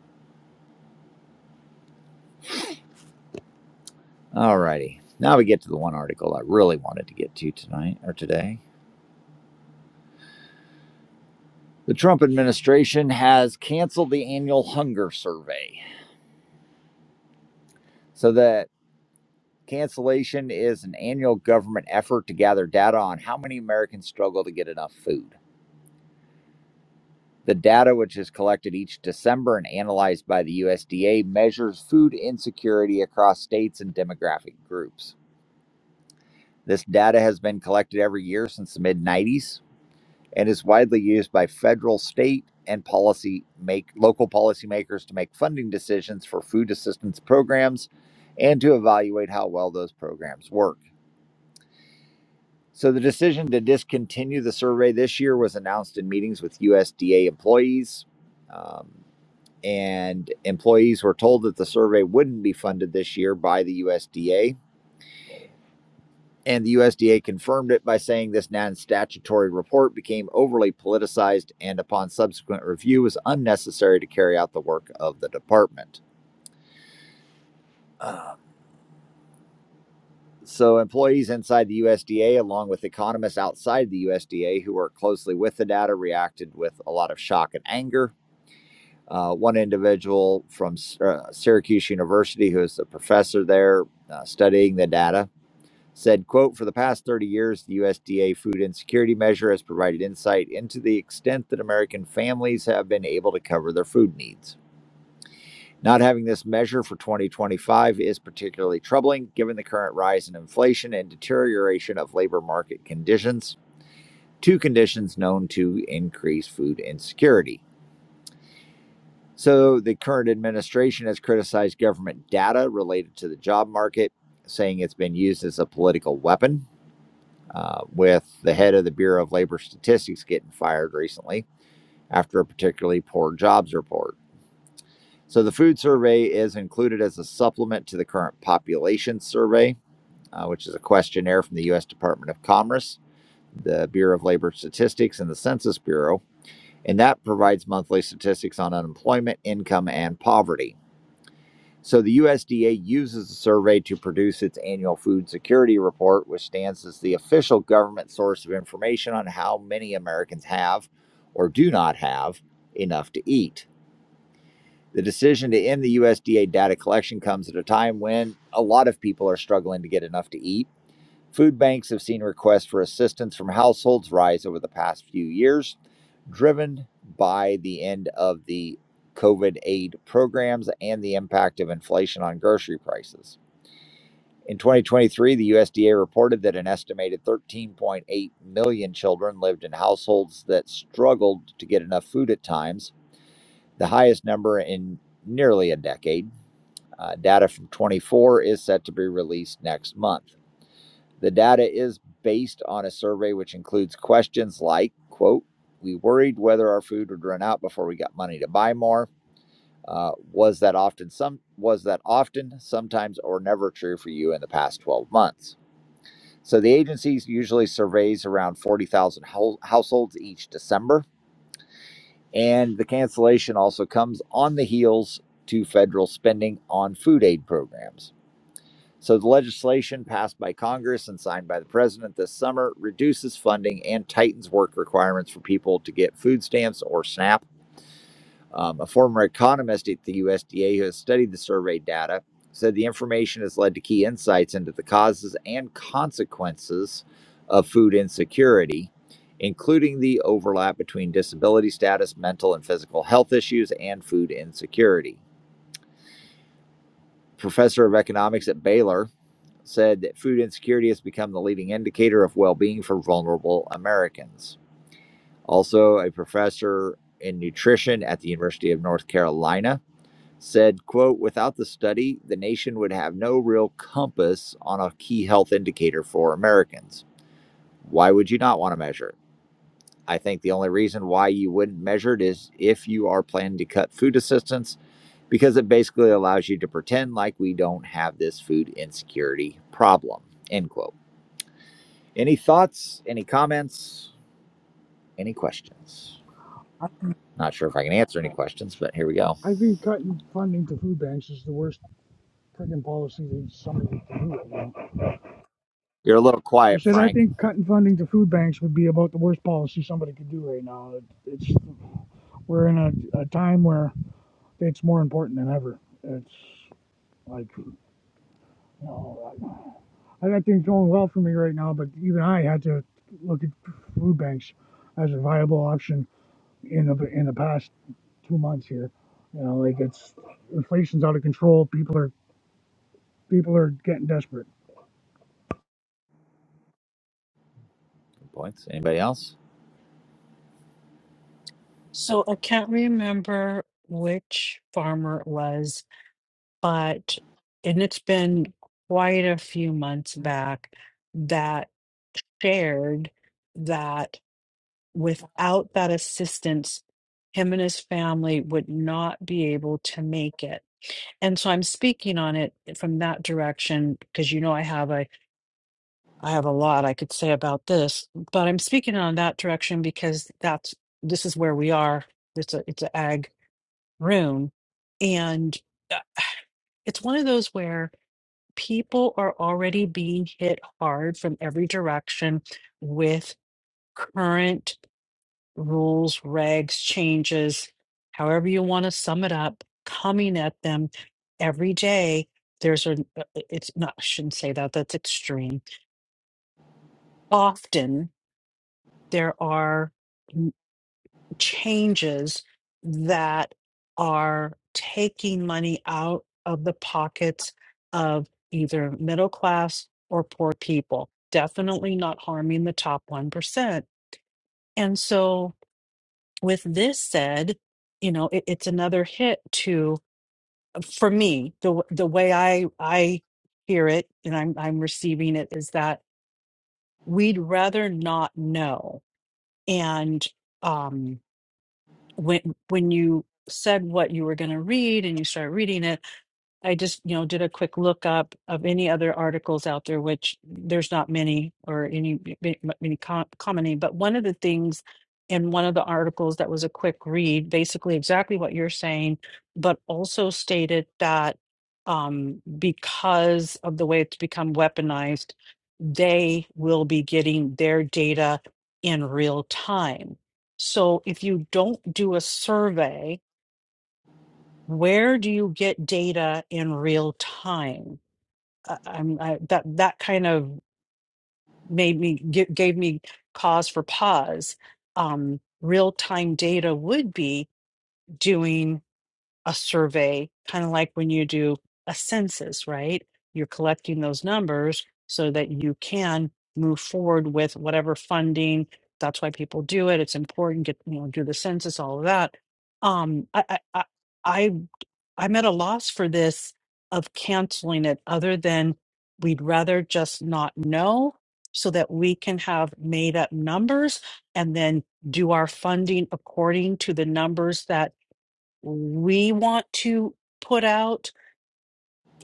A: All righty. Now we get to the one article I really wanted to get to tonight or today. The Trump administration has canceled the annual hunger survey so that Cancellation is an annual government effort to gather data on how many Americans struggle to get enough food. The data, which is collected each December and analyzed by the USDA, measures food insecurity across states and demographic groups. This data has been collected every year since the mid 90s and is widely used by federal, state, and policy make local policymakers to make funding decisions for food assistance programs and to evaluate how well those programs work. So the decision to discontinue the survey this year was announced in meetings with USDA employees. Um, and employees were told that the survey wouldn't be funded this year by the USDA. And the USDA confirmed it by saying this non statutory report became overly politicized and, upon subsequent review, was unnecessary to carry out the work of the department. Um, so, employees inside the USDA, along with economists outside the USDA who work closely with the data, reacted with a lot of shock and anger uh, one individual from uh, Syracuse University, who is the professor there uh, studying the data, said, "quote For the past 30 years, the USDA food insecurity measure has provided insight into the extent that American families have been able to cover their food needs." Not having this measure for 2025 is particularly troubling given the current rise in inflation and deterioration of labor market conditions, two conditions known to increase food insecurity. So, the current administration has criticized government data related to the job market, saying it's been used as a political weapon, uh, with the head of the Bureau of Labor Statistics getting fired recently after a particularly poor jobs report. So, the food survey is included as a supplement to the current population survey, uh, which is a questionnaire from the U.S. Department of Commerce, the Bureau of Labor Statistics, and the Census Bureau. And that provides monthly statistics on unemployment, income, and poverty. So the USDA uses the survey to produce its annual food security report, which stands as the official government source of information on how many Americans have or do not have enough to eat. The decision to end the USDA data collection comes at a time when a lot of people are struggling to get enough to eat Food banks have seen requests for assistance from households rise over the past few years, driven by the end of the COVID aid programs and the impact of inflation on grocery prices. In 2023, the USDA reported that an estimated 13.8 million children lived in households that struggled to get enough food at times, the highest number in nearly a decade. Uh, data from 24 is set to be released next month. The data is based on a survey which includes questions like, quote, we worried whether our food would run out before we got money to buy more. Uh, was that often some was that often sometimes or never true for you in the past 12 months so the agency usually surveys around 40000 hou- households each december and the cancellation also comes on the heels to federal spending on food aid programs so the legislation passed by Congress and signed by the president this summer reduces funding and tightens work requirements for people to get food stamps or SNAP. Um, a former economist at the USDA who has studied the survey data said the information has led to key insights into the causes and consequences of food insecurity, including the overlap between disability status, mental and physical health issues, and food insecurity. Professor of economics at Baylor, said that food insecurity has become the leading indicator of well being for vulnerable Americans. Also, a professor in nutrition at the University of North Carolina said quote without the study the nation would have no real compass on a key health indicator for americans why would you not want to measure it i think the only reason why you wouldn't measure it is if you are planning to cut food assistance because it basically allows you to pretend like we don't have this food insecurity problem end quote Any thoughts? Any comments? Any questions? Not sure if I can answer any questions, but here we go.
F: I think cutting funding to food banks is the worst freaking policy that somebody could do right now.
A: You're a little
F: I
A: quiet,
F: said I
A: Frank.
F: think cutting funding to food banks would be about the worst policy somebody could do right now. it's we're in a, a time where it's more important than ever. It's like you know, I, I got things going well for me right now, but even I had to look at food banks as a viable option in the in the past two months here. You know, like it's inflation's out of control. People are people are getting desperate
A: points. Anybody else?
B: So I can't remember which farmer it was but and it's been quite a few months back that shared that without that assistance him and his family would not be able to make it and so i'm speaking on it from that direction because you know i have a i have a lot i could say about this but i'm speaking on that direction because that's this is where we are it's a it's an ag room and uh, it's one of those where people are already being hit hard from every direction with current rules, regs, changes, however you want to sum it up, coming at them every day. There's a, it's not, I shouldn't say that, that's extreme. Often there are. changes that are taking money out of the pockets of either middle class or poor people, definitely not harming the top 1%. And so, with this said, you know, it, it's another hit to, uh, for me, the, w- the way I, I hear it and I'm, I'm receiving it is that we'd rather not know. And um, when when you said what you were going to read and you started reading it, I just, you know, did a quick look up of any other articles out there, which there's not many or any many com commenting. But one of the things in one of the articles that was a quick read, basically exactly what you're saying, but also stated that um, because of the way it's become weaponized they will be getting their data in real time. So if you don't do a survey, where do you get data in real time? I, I'm I, that that kind of made me gi- gave me cause for pause. Um, real time data would be doing a survey, kind of like when you do a census, right? You're collecting those numbers so that you can move forward with whatever funding. That's why people do it. It's important. Get you know, do the census, all of that. Um, I, I, I, I- I'm at a loss for this of canceling it. Other than we'd rather just not know, so that we can have made up numbers and then do our funding according to the numbers that we want to put out.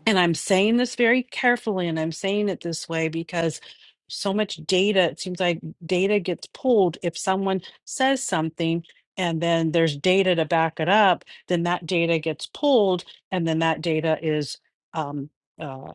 B: And I'm saying this very carefully and I'm saying it this way because so much data, it seems like data gets pulled. If someone says something and then there's data to back it up, then that data gets pulled and then that data is. Um, uh,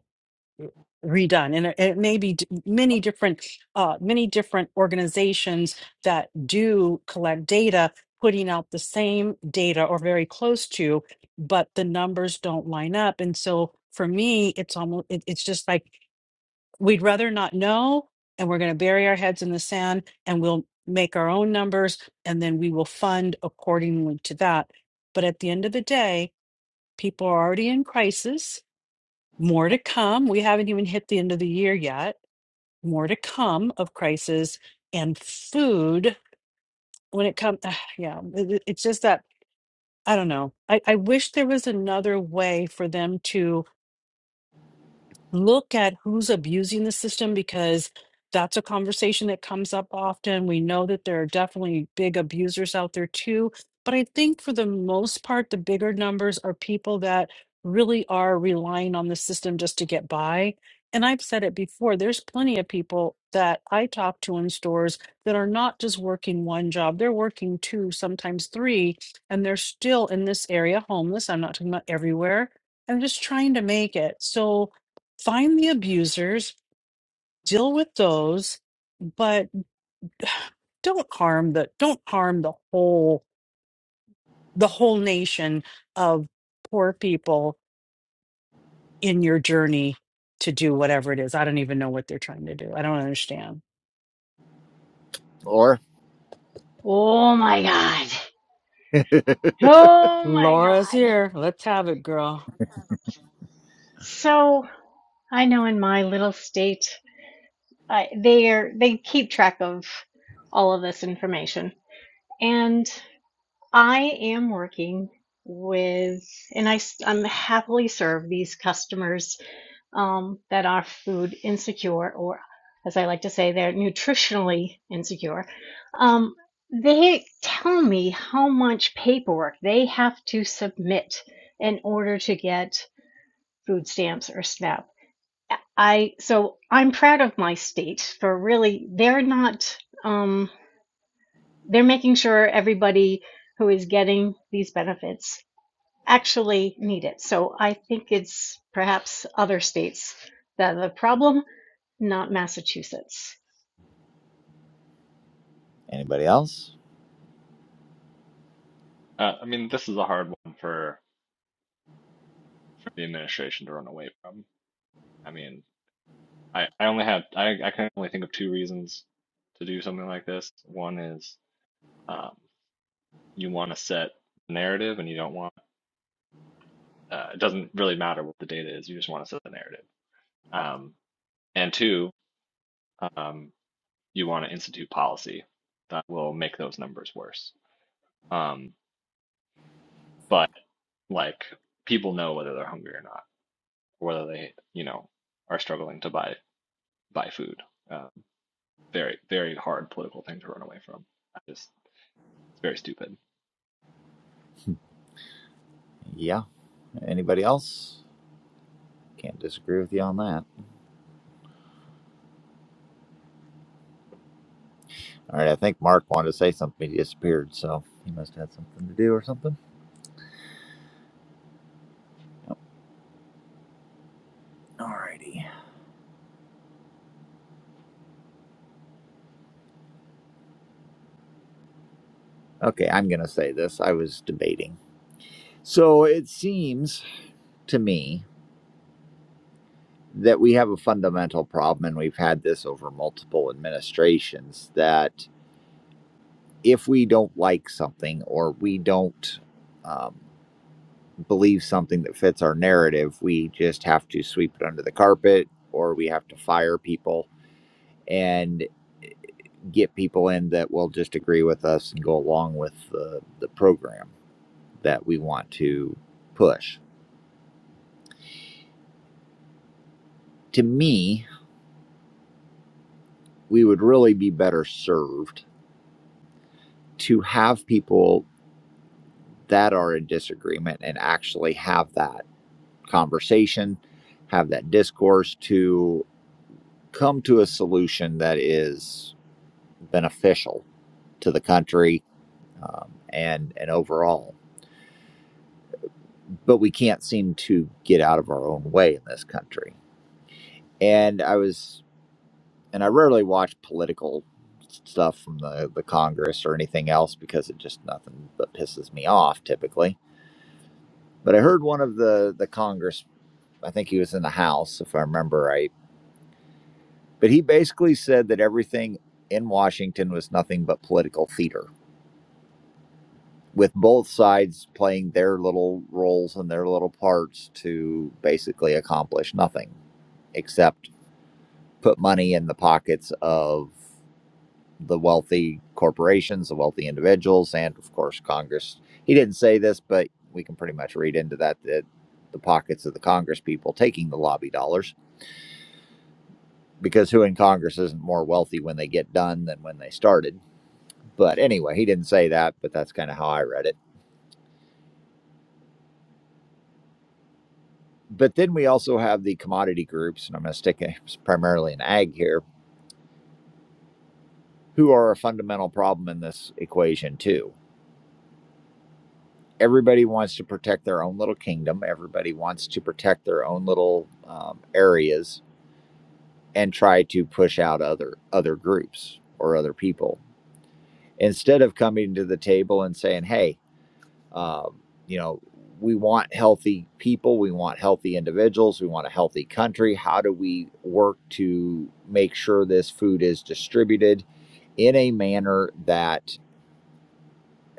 B: redone and it, it may be d- many different uh, many different organizations that do collect data putting out the same data or very close to but the numbers don't line up and so for me it's almost it, it's just like we'd rather not know and we're going to bury our heads in the sand and we'll make our own numbers and then we will fund accordingly to that but at the end of the day people are already in crisis more to come we haven't even hit the end of the year yet more to come of crisis and food when it comes [SIGHS] yeah it- it- it's just that i don't know I, I wish there was another way for them to look at who's abusing the system because that's a conversation that comes up often. We know that there are definitely big abusers out there too. But I think for the most part, the bigger numbers are people that really are relying on the system just to get by. And I've said it before, there's plenty of people that I talk to in stores that are not just working one job, they're working two, sometimes three, and they're still in this area homeless. I'm not talking about everywhere. I'm just trying to make it. So, find the abusers, deal with those, but [SIGHS] don't harm the don't harm the whole the whole nation of poor people in your journey to do whatever it is. I don't even know what they're trying to do. I don't understand.
A: Or
G: Oh my God.
A: [LAUGHS]
G: Oh my
B: Laura's
G: God.
B: here. Let's have it, girl.
G: So I know in my little state, I, they are, they keep track of all of this information. And I am working with, and I, s- I'm happily serve these customers um, that are food insecure, or as I like to say, they're nutritionally insecure. Um, they tell me how much paperwork they have to submit in order to get food stamps or SNAP. I so I'm proud of my state for really they're not. Um, they're making sure everybody who is getting these benefits actually need it. So I think it's perhaps other states that are the problem, not Massachusetts.
A: anybody else?
E: Uh, I mean, this is a hard one for, for the administration to run away from. I mean, I, I only have I, I can only think of two reasons to do something like this. One is um, you want to set the narrative and you don't want uh, it doesn't really matter what the data is. You just want to set the narrative. Um, and two, um, you want to institute policy that will make those numbers worse. Um, but like people know whether they're hungry or not, or whether they you know are struggling to buy buy food. Um, very very hard political thing to run away from. I just it's very stupid.
A: Yeah. Anybody else? Can't disagree with you on that. All right. I think Mark wanted to say something. He disappeared, so he must have had something to do or something. All righty. Okay. I'm going to say this. I was debating. So it seems to me that we have a fundamental problem, and we've had this over multiple administrations that if we don't like something or we don't um, believe something that fits our narrative, we just have to sweep it under the carpet or we have to fire people and eh, get people in that will just agree with us and go along with the, the program that we want to push. To me, we would really be better served to have people that are in disagreement and actually have that conversation, have that discourse to. come to a solution that is beneficial to the country um, and and overall. But we can't seem to get out of our own way in this country. And I was, and I rarely watch political stuff from the the Congress or anything else because it just nothing but pisses me off typically. But I heard one of the the Congress, I think he was in the House, if I remember right. But he basically said that everything in Washington was nothing but political theater with both sides playing their little roles and their little parts to basically accomplish nothing except put money in the pockets of the wealthy corporations, the wealthy individuals, and of course, Congress. He didn't say this, but we can pretty much read into that that the pockets of the Congress people taking the lobby dollars because who in Congress isn't more wealthy when they get done than when they started? But anyway, he didn't say that, but that's kind of how I read it But then we also have the commodity groups, and I'm going to stick primarily in ag here, who are a fundamental problem in this equation too. Everybody wants to protect their own little kingdom. Everybody wants to protect their own little um, areas and try to push out other other groups or other people instead of coming to the table and saying, "Hey, Um, you know, we want healthy people, we want healthy individuals, we want a healthy country. How do we work to make sure this food is distributed in a manner that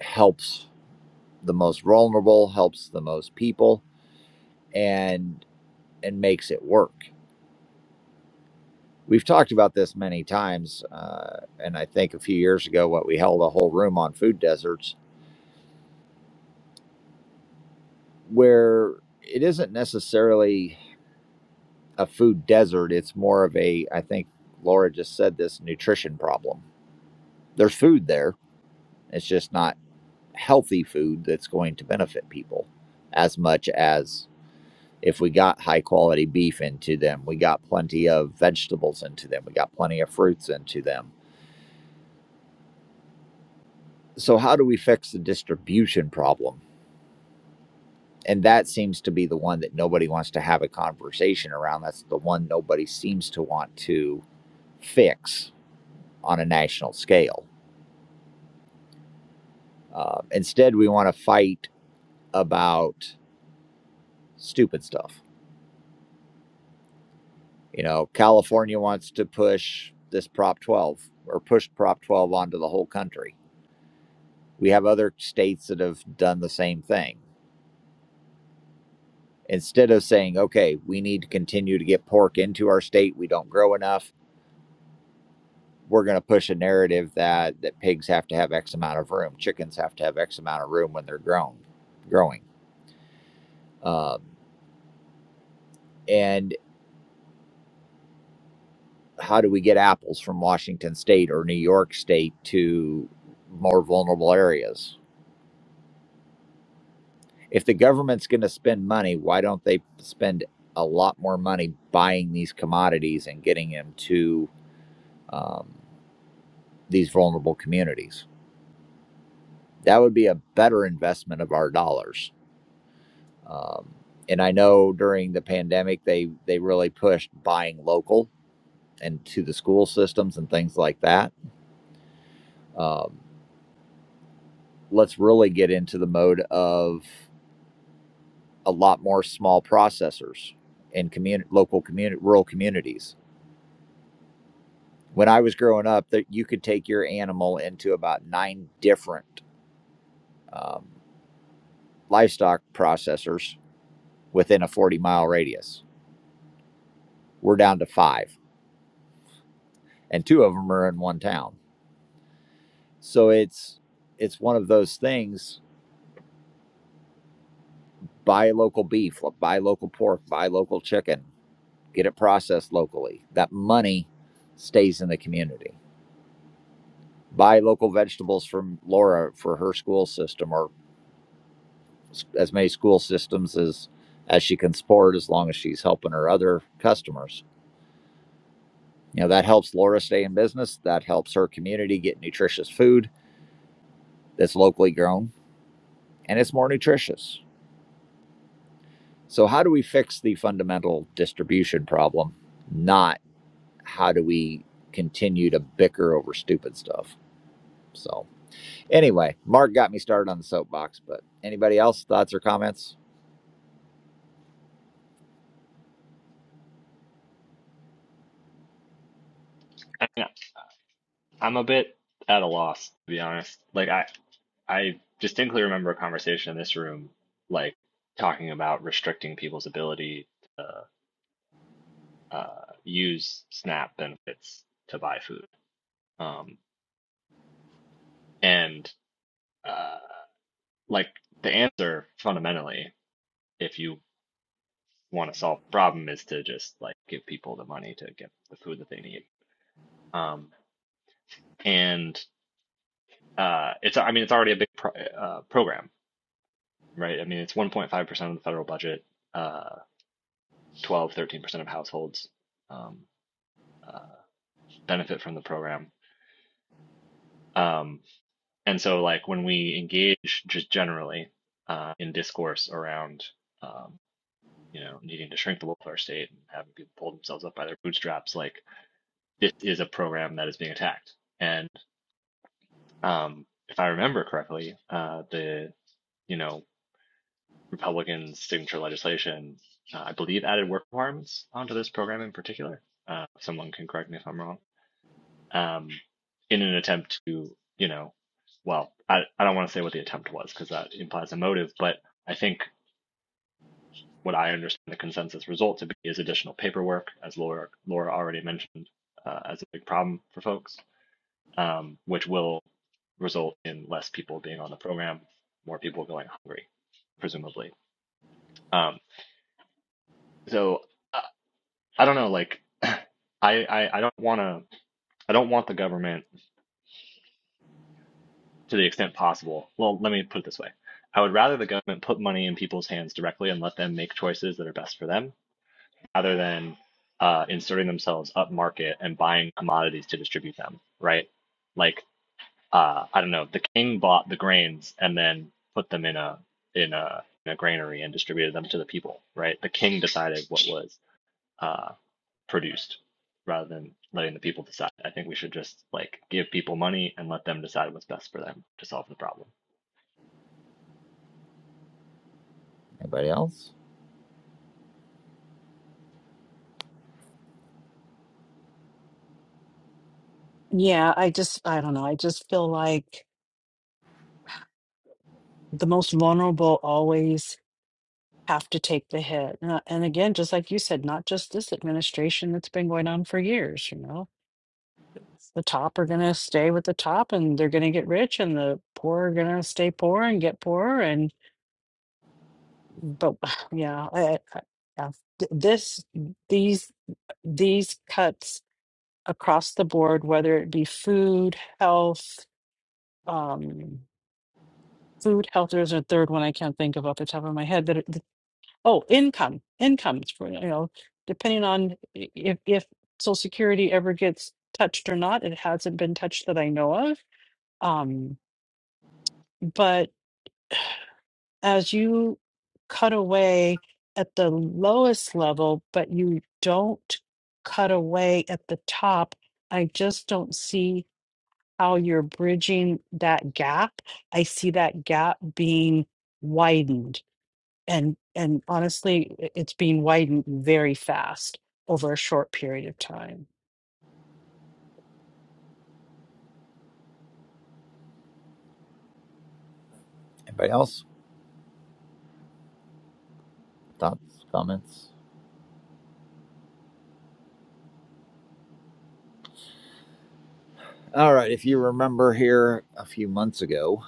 A: helps the most vulnerable, helps the most people, and and makes it work? We've talked about this many times, uh, and I think a few years ago, what we held a whole room on food deserts, where it isn't necessarily a food desert. It's more of a, I think Laura just said this nutrition problem. There's food there. It's just not healthy food that's going to benefit people as much as if we got high quality beef into them, we got plenty of vegetables into them, we got plenty of fruits into them. So, how do we fix the distribution problem? And that seems to be the one that nobody wants to have a conversation around. That's the one nobody seems to want to fix on a national scale Uh, instead, we want to fight about stupid stuff. You know, California wants to push this Prop 12 or push Prop 12 onto the whole country. We have other states that have done the same thing. Instead of saying, okay, we need to continue to get pork into our state, we don't grow enough, we're going to push a narrative that, that pigs have to have X amount of room, chickens have to have X amount of room when they're grown, growing. Um, and how do we get apples from Washington state or New York state to more vulnerable areas? If the government's going to spend money, why don't they spend a lot more money buying these commodities and getting them to um, these vulnerable communities? That would be a better investment of our dollars. Um, and I know during the pandemic, they, they really pushed buying local and to the school systems and things like that. Um, let's really get into the mode of a lot more small processors in community, local community, rural communities. When I was growing up, that you could take your animal into about nine different um, livestock processors within a 40 mile radius. We're down to five, and two of them are in one town. So it's it's one of those things. Buy local beef, buy local pork, buy local chicken, get it processed locally. That money stays in the community. buy local vegetables from Laura for her school system or as many school systems as as she can support as long as she's helping her other customers. You know, that helps Laura stay in business, that helps her community get nutritious food that's locally grown and it's more nutritious. So how do we fix the fundamental distribution problem, not how do we continue to bicker over stupid stuff? So anyway, Mark got me started on the soapbox, but anybody else thoughts or comments?
E: I mean, I'm a bit at a loss, to be honest. Like I I distinctly remember a conversation in this room, like talking about restricting people's ability to uh, use SNAP benefits to buy food. Um, and uh, like the answer fundamentally, if you want to solve the problem, is to just like give people the money to get the food that they need. Um, and uh, it's I mean it's already a big pro uh, program, right? I mean it's 1.5% of the federal budget Uh, Twelve, thirteen percent of households um, uh, benefit from the program. Um, and so, like, when we engage just generally uh, in discourse around, um, you know, needing to shrink the welfare state and having people pull themselves up by their bootstraps, like, this is a program that is being attacked. And um, if I remember correctly, uh, the, you know, Republicans' signature legislation, uh, I believe, added work requirements onto this program in particular. Uh, someone can correct me if I'm wrong um, in an attempt to, you know, well, I, I don't want to say what the attempt was because that implies a motive, but I think what I understand the consensus result to be is additional paperwork, as Laura, Laura already mentioned, uh, as a big problem for folks, um, which will result in less people being on the program, more people going hungry, presumably. Um, so I, I don't know, like, [CLEARS THROAT] I, I, I don't want to, I don't want the government to the extent possible. Well, let me put it this way. I would rather the government put money in people's hands directly and let them make choices that are best for them rather than uh, inserting themselves up market and buying commodities to distribute them, right? Like, uh, I don't know, the king bought the grains and then put them in a in a in a granary and distributed them to the people, right? The king decided what was uh, produced rather than letting the people decide. I think we should just like give people money and let them decide what's best for them to solve the problem.
A: Anybody else?
B: Yeah, I just I don't know. I just feel like the most vulnerable always have to take the hit. And and again, just like you said, not just this administration that's been going on for years, you know. the top are going to stay with the top and they're going to get rich and the poor are going to stay poor and get poorer and but [SIGHS] yeah, I, I, yeah th- this these these cuts across the board whether it be food health um food health there's a third one i can't think of off the top of my head that it, th- oh income income it's for- you know depending on i- if if social security ever gets touched or not it hasn't been touched that i know of um as you cut away at the lowest level, but you don't cut away at the top, I just don't see how you're bridging that gap. I see that gap being widened. And, and honestly, i- it's being widened very fast over a short period of time.
A: Anybody else? Thoughts, comments? All right. If you remember here a few months ago,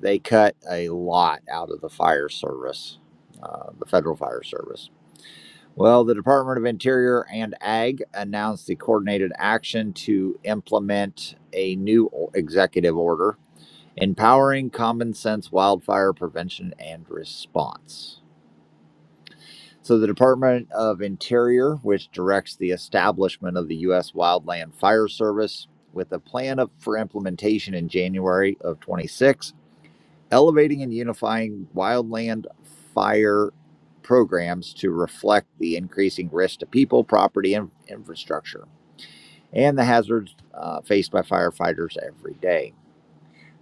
A: they cut a lot out of the fire service, uh, the federal fire service. Well, the Department of Interior and Ag announced the coordinated action to implement a new executive order empowering common sense wildfire prevention and response. So, the Department of Interior, which directs the establishment of the U.S. Wildland Fire Service with a plan of, for implementation in January of 26, elevating and unifying wildland fire programs to reflect the increasing risk to people, property, and infrastructure, and the hazards uh, faced by firefighters every day.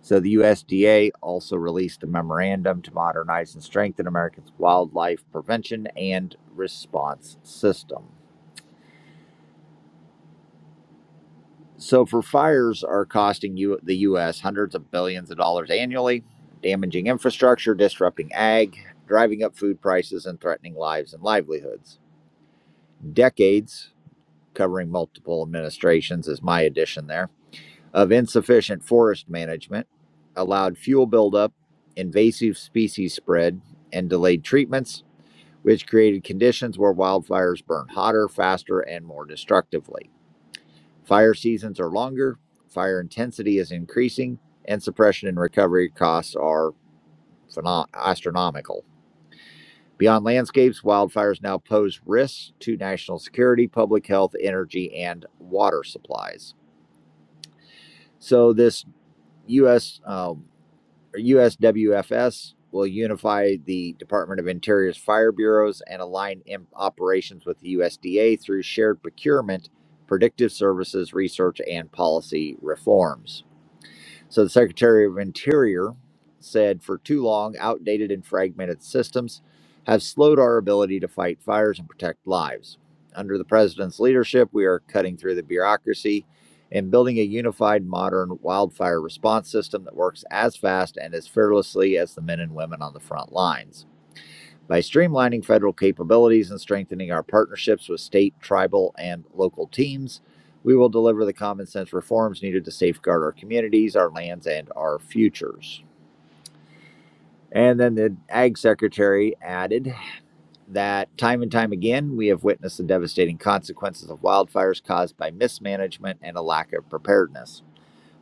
A: So the USDA also released a memorandum to modernize and strengthen America's wildlife prevention and response system. So for fires are costing you the US hundreds of billions of dollars annually, damaging infrastructure, disrupting ag, driving up food prices and threatening lives and livelihoods. Decades covering multiple administrations is my addition there of insufficient forest management, allowed fuel buildup, invasive species spread, and delayed treatments, which created conditions where wildfires burn hotter, faster, and more destructively. Fire seasons are longer, fire intensity is increasing, and suppression and recovery costs are pheno- astronomical. Beyond landscapes, wildfires now pose risks to national security, public health, energy, and water supplies. So, this U.S. USWFS will unify the Department of Interior's fire bureaus and align operations with the USDA through shared procurement, predictive services, research, and policy reforms. So the Secretary of Interior said for too long, outdated and fragmented systems have slowed our ability to fight fires and protect lives. Under the president's leadership, we are cutting through the bureaucracy and building a unified modern wildfire response system that works as fast and as fearlessly as the men and women on the front lines. By streamlining federal capabilities and strengthening our partnerships with state, tribal, and local teams, we will deliver the common sense reforms needed to safeguard our communities, our lands, and our futures. And then the Ag Secretary added that time and time again, we have witnessed the devastating consequences of wildfires caused by mismanagement and a lack of preparedness.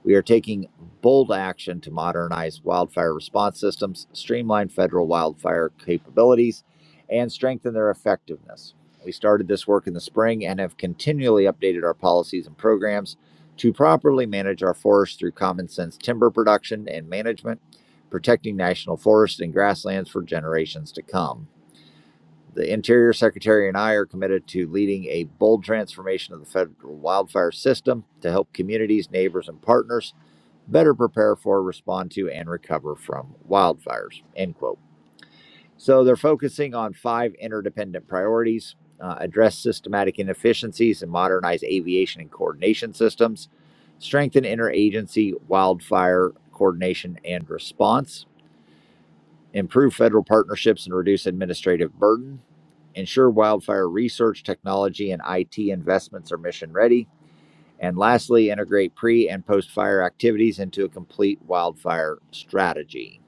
A: We are taking bold action to modernize wildfire response systems, streamline federal wildfire capabilities, and strengthen their effectiveness. We started this work in the spring and have continually updated our policies and programs to properly manage our forests through common sense timber production and management, protecting national forests and grasslands for generations to come. The Interior Secretary and I are committed to leading a bold transformation of the federal wildfire system to help communities, neighbors, and partners better prepare for, respond to, and recover from wildfires. End quote. So they're focusing on five interdependent priorities uh, address systematic inefficiencies and modernize aviation and coordination systems, strengthen interagency wildfire coordination and response, improve federal partnerships and reduce administrative burden, ensure wildfire research, technology, and IT investments are mission ready and lastly, integrate pre and post fire activities into a complete wildfire strategy.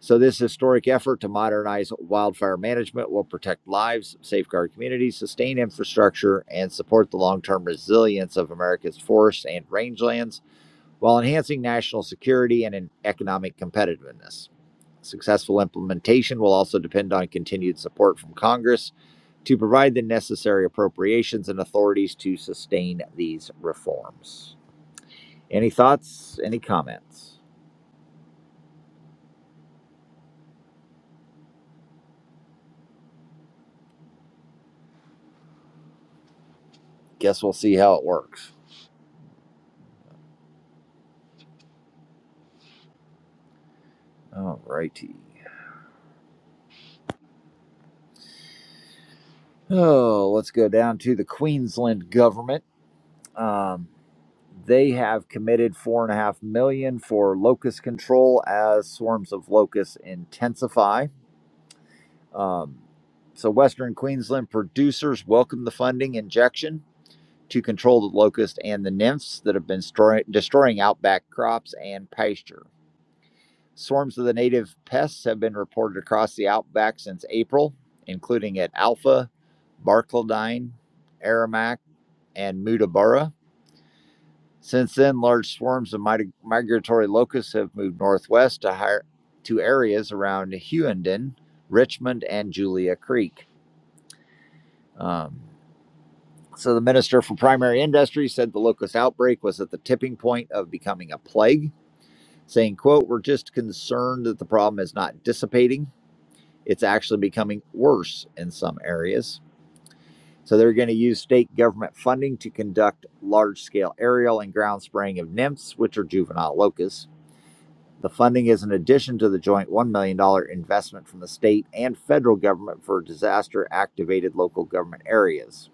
A: So, this historic effort to modernize wildfire management will protect lives, safeguard communities, sustain infrastructure, and support the long term resilience of America's forests and rangelands while enhancing national security and economic competitiveness. Successful implementation will also depend on continued support from Congress to provide the necessary appropriations and authorities to sustain these reforms. Any thoughts? Any comments? Guess we'll see how it works. All righty. Oh, let's go down to the Queensland government. Um, they have committed four and a half million for locust control as swarms of locusts intensify. Um, so, Western Queensland producers welcome the funding injection to control the locust and the nymphs that have been stroy- destroying outback crops and pasture. Swarms of the native pests have been reported across the outback since April, including at Alpha, Barcaldine, Aramac, and Mutabura. Since then, large swarms of mig- migratory locusts have moved northwest to higher to areas around Hughenden, Richmond, and Julia Creek. Um, so, the Minister for Primary Industry said the locust outbreak was at the tipping point of becoming a plague, saying, "quote We're just concerned that the problem is not dissipating." It's actually becoming worse in some areas. So they're going to use state government funding to conduct large scale aerial and ground spraying of nymphs, which are juvenile locusts. The funding is in addition to the joint $1 million dollars investment from the state and federal government for disaster activated local government areas.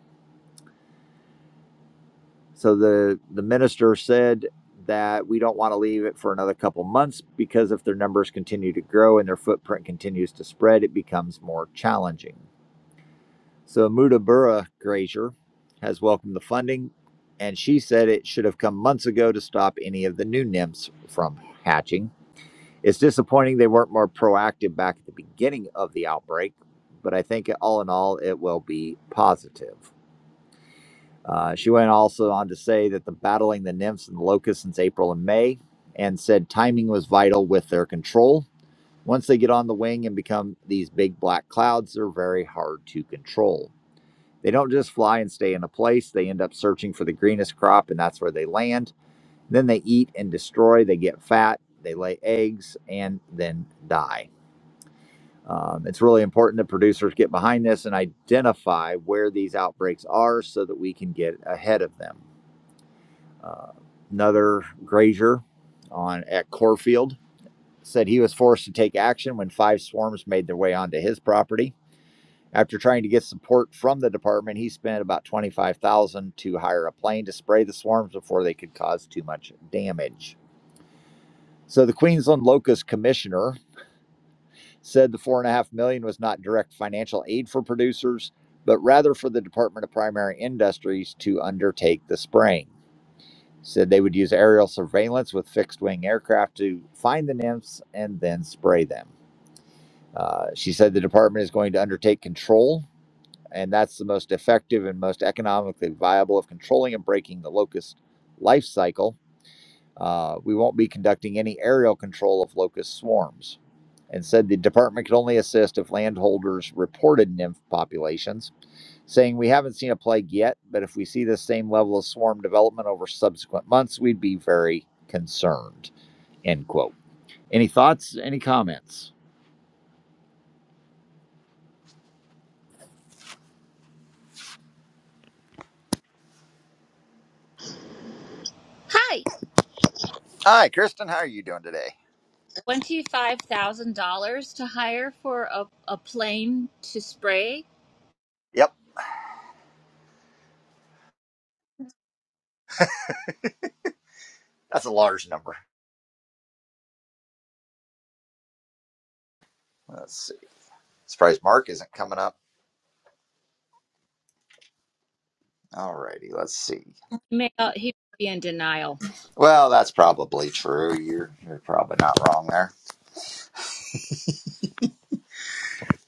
A: So the, the minister said that we don't want to leave it for another couple months because if their numbers continue to grow and their footprint continues to spread, it becomes more challenging. So Mutabura Grazier has welcomed the funding, and she said it should have come months ago to stop any of the new nymphs from hatching. It's disappointing they weren't more proactive back at the beginning of the outbreak, but I think all in all, it will be positive. Uh, she went also on to say that the battling the nymphs and the locusts since April and May, and said timing was vital with their control. Once they get on the wing and become these big black clouds, they're very hard to control. They don't just fly and stay in a place, they end up searching for the greenest crop, and that's where they land. Then they eat and destroy, they get fat, they lay eggs, and then die. Um, it's really important that producers get behind this and identify where these outbreaks are so that we can get ahead of them. Uh, another grazier on at Corfield said he was forced to take action when five swarms made their way onto his property. After trying to get support from the department, he spent about 25,000 to hire a plane to spray the swarms before they could cause too much damage. So the Queensland Locust Commissioner said the 4.5 million dollars was not direct financial aid for producers, but rather for the Department of Primary Industries to undertake the spraying. Said they would use aerial surveillance with fixed wing aircraft to find the nymphs and then spray them. Uh, she said the department is going to undertake control and that's the most effective and most economically viable of controlling and breaking the locust life cycle. Uh, we won't be conducting any aerial control of locust swarms. And said the department could only assist if landholders reported nymph populations, saying we haven't seen a plague yet, but if we see the same level of swarm development over subsequent months, we'd be very concerned. End quote. Any thoughts? Any comments?
H: Hi.
A: Hi, Kristen. How are you doing today?
H: $25,000 to hire for a, a plane to spray?
A: Yep, that's a large number. That's Surprised Mark isn't coming up. Alrighty, let's see.
H: May, uh, he would be in denial.
A: Well, that's probably true. You're you're probably not wrong there.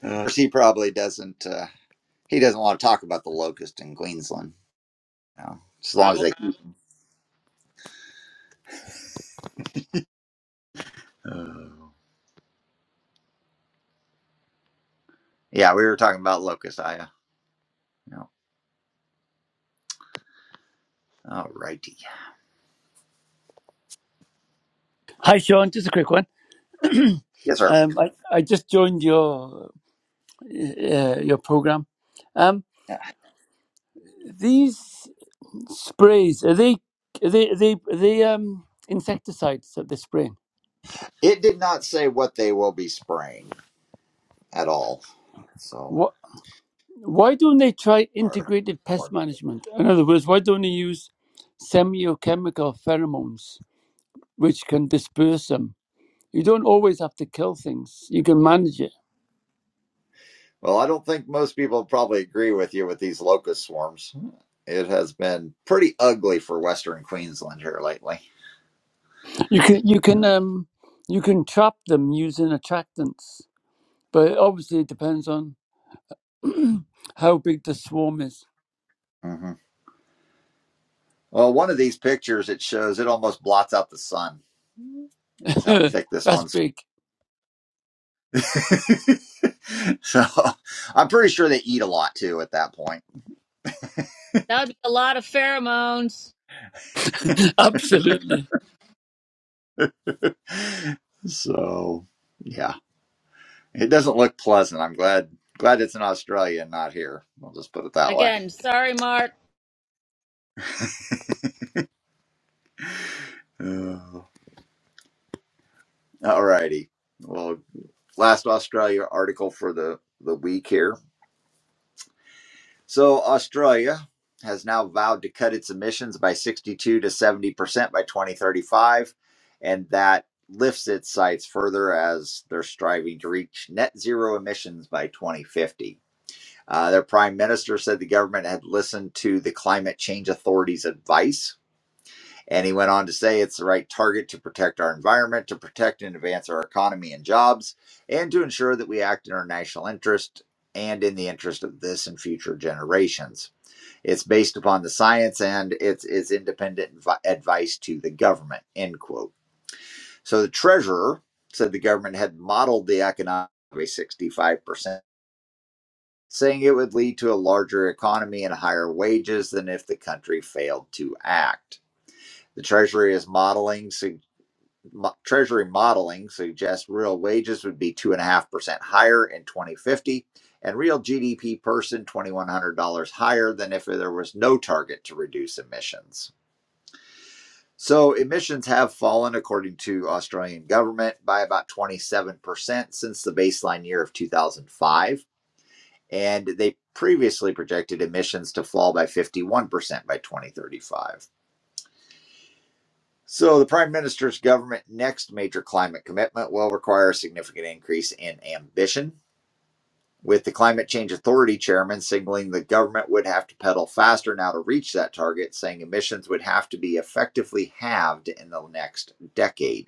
A: Of he probably doesn't. Uh, he doesn't want to talk about the locust in Queensland. You know, as long as
H: Probably.
A: they. Oh. Yeah, we were talking about locust, Aya. Yeah. Alrighty.
I: Hi, Sean. Just a quick one.
A: Yes, sir.
I: Um, I, I just joined your uh, your program. Um,
A: Yeah.
I: these sprays are they are they are they, are they um, insecticides that they're spraying?
A: It did not say what they will be spraying at all. So
I: What, why don't they try
A: far.
I: integrated pest management? In other words, why don't they use semiochemical pheromones, which can disperse them? You don't always have to kill things. You can manage it.
A: Well, I don't think most people probably agree with you with these locust swarms. It has been pretty ugly for Western Queensland here lately.
I: You can you can um, you can trap them using attractants, but obviously it depends on [CLEARS THROAT] How big the swarm is.
A: hmm Well, one of these pictures it shows it almost blots out the sun. Is
I: [CLEARS THROAT]
A: how thick
I: [LAUGHS]
A: this
I: that's
A: one's.
I: big.
A: [LAUGHS] so I'm pretty sure they eat a lot too at that point.
H: That would be a lot of pheromones.
I: [LAUGHS] Absolutely.
A: So yeah, it doesn't look pleasant. I'm glad glad it's in Australia and not here. I'll just put it that way.
H: Again, sorry, Mark.
A: Uh, All righty. Well, last Australia article for the, the week here. So, Australia has now vowed to cut its emissions by 62 to 70% by 2035, and that lifts its sights further as they're striving to reach net zero emissions by 2050. Uh, their prime minister said the government had listened to the climate change authority's advice and he went on to say it's the right target to protect our environment, to protect and advance our economy and jobs, and to ensure that we act in our national interest and in the interest of this and future generations. It's based upon the science and it's, it's independent advice to the government, end quote. So the treasurer said the government had modeled the economic by 65%, saying it would lead to a larger economy and higher wages than if the country failed to act. The Treasury is modeling sig- Mo- Treasury modeling suggests real wages would be 2.5% higher in 2050 and real GDP person $2,100 higher than if there was no target to reduce emissions. So emissions have fallen, according to Australian government, by about 27% since the baseline year of 2005. And they previously projected emissions to fall by 51% by 2035. So, the Prime Minister's government next major climate commitment will require a significant increase in ambition. With the Climate Change Authority chairman signaling the government would have to pedal faster now to reach that target, saying emissions would have to be effectively halved in the next decade.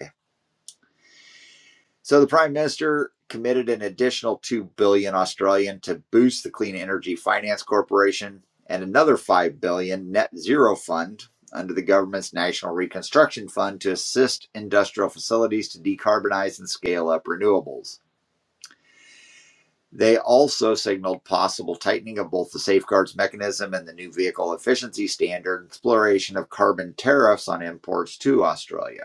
A: So the prime minister committed an additional 2 billion dollars Australian to boost the Clean Energy Finance Corporation and another 5 billion dollars net zero fund under the government's National Reconstruction Fund to assist industrial facilities to decarbonize and scale up renewables. They also signaled possible tightening of both the safeguards mechanism and the new vehicle efficiency standard, exploration of carbon tariffs on imports to Australia.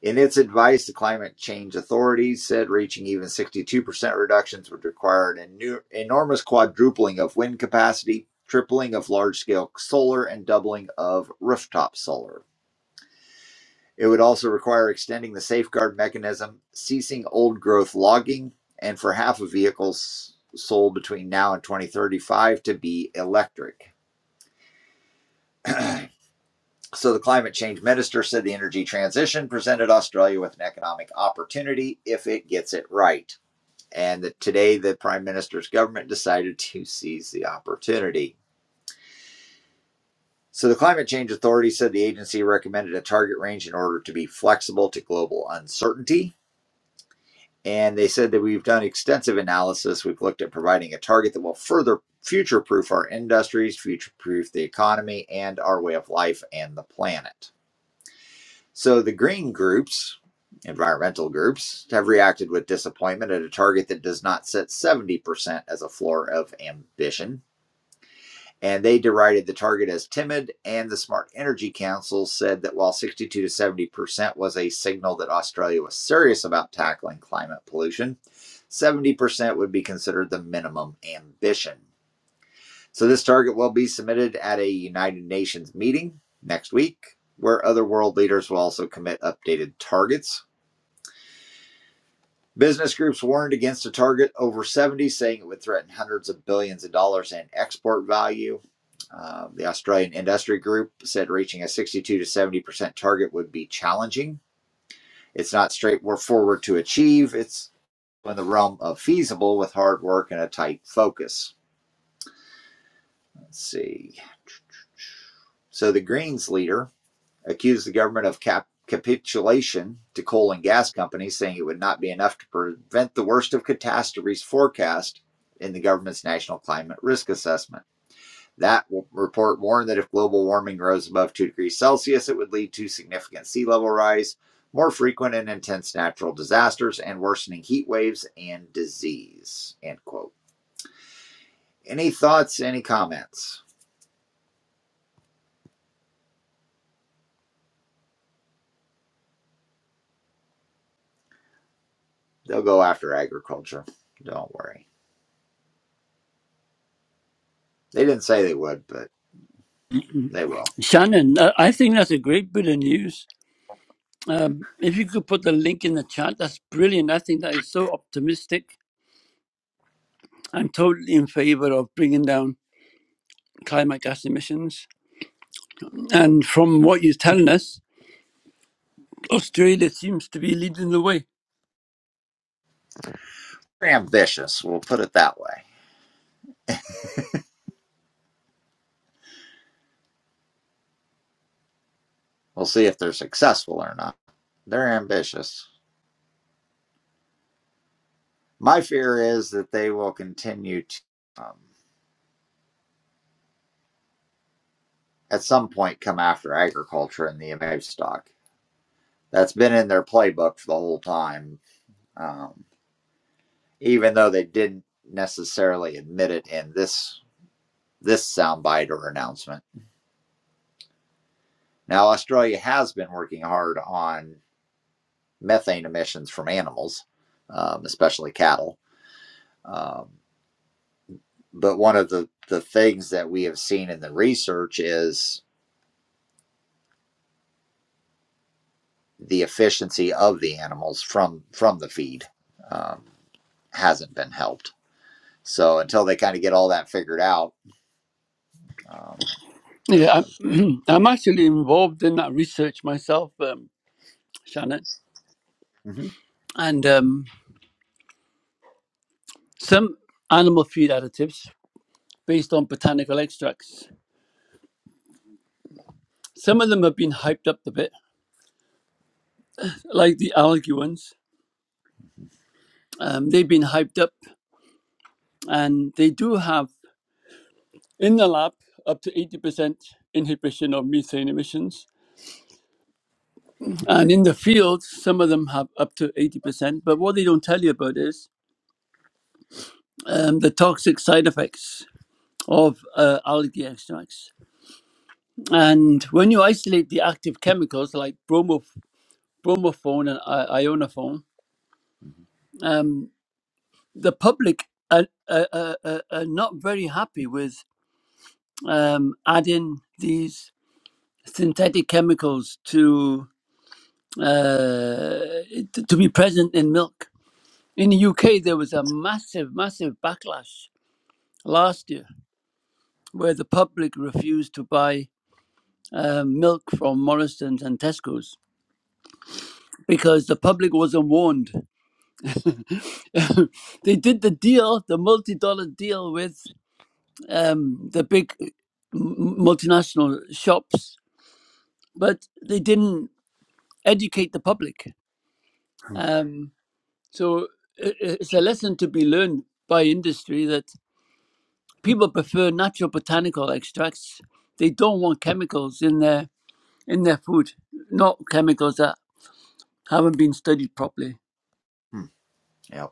A: In its advice, the climate change authorities said reaching even 62% reductions would require an enu- enormous quadrupling of wind capacity, tripling of large scale solar, and doubling of rooftop solar. It would also require extending the safeguard mechanism, ceasing old growth logging, and for half of vehicles sold between now and 2035 to be electric. [CLEARS THROAT] So, the climate change minister said the energy transition presented Australia with an economic opportunity if it gets it right. and that today the prime minister's government decided to seize the opportunity. So the Climate Change Authority said the agency recommended a target range in order to be flexible to global uncertainty. And they said that we've done extensive analysis. We've looked at providing a target that will further future proof our industries, future proof the economy, and our way of life and the planet. So the green groups, environmental groups, have reacted with disappointment at a target that does not set 70% as a floor of ambition. and they derided the target as timid. And the Smart Energy Council said that while 62 to 70 percent was a signal that Australia was serious about tackling climate pollution, 70 percent would be considered the minimum ambition. So this target will be submitted at a United Nations meeting next week, where other world leaders will also commit updated targets. Business groups warned against a target over 70, saying it would threaten hundreds of billions of dollars in export value Uh, the Australian Industry Group said reaching a 62 to 70% target would be challenging. It's not straightforward to achieve. It's in the realm of feasible with hard work and a tight focus. Let's see. So the Greens leader accused the government of cap- capitulation to coal and gas companies, saying it would not be enough to prevent the worst of catastrophes forecast in the government's National Climate Risk Assessment. That report warned that if global warming rose above 2 degrees Celsius, it would lead to significant sea level rise, more frequent and intense natural disasters, and worsening heat waves and disease. End quote. Any thoughts, any comments? They'll go after agriculture. Don't worry. They didn't say they would, but they will.
I: Shannon, I I think that's a great bit of news. Um, if you could put the link in the chat, that's brilliant. I think that is so optimistic. I'm totally in favor of bringing down climate gas emissions. And from what you're telling us, Australia seems to be leading the way.
A: They're ambitious, we'll put it that way. We'll see if they're successful or not. They're ambitious. My fear is that they will continue to. Um, at some point come after agriculture and the amount stock. That's been in their playbook for the whole time, um, even though they didn't necessarily admit it in this this soundbite or announcement. Now, Australia has been working hard on methane emissions from animals, um, especially cattle. Um, but one of the, the things that we have seen in the research is the efficiency of the animals from from the feed um, hasn't been helped So until they kind of get all that figured out, um,
I: Yeah, I'm, [CLEARS THROAT] I'm actually involved in that research myself, um, Shannon.
A: mhm,
I: And um, some animal feed additives based on botanical extracts. Some of them have been hyped up a bit, like the algae ones. Um, they've been hyped up, and they do have in the lab up to 80% inhibition of methane emissions. And in the field, some of them have up to 80%. But what they don't tell you about is um, the toxic side effects of uh, algae extracts. And when you isolate the active chemicals like bromo, bromophone and I- ionophone, um, the public are, are, are, are not very happy with um, adding these synthetic chemicals to uh, to be present in milk. In the UK, there was a massive, massive backlash last year, where the public refused to buy uh, milk from Morrison's and Tesco's because the public wasn't warned. [LAUGHS] they did the deal, the multi-dollar deal with um, the big m- multinational shops but they didn't educate the public.
A: mhm,
I: Um, so i it's a lesson to be learned by industry that people prefer natural botanical extracts. They don't want chemicals in their in their food, not chemicals that haven't been studied properly.
A: mhm, yep.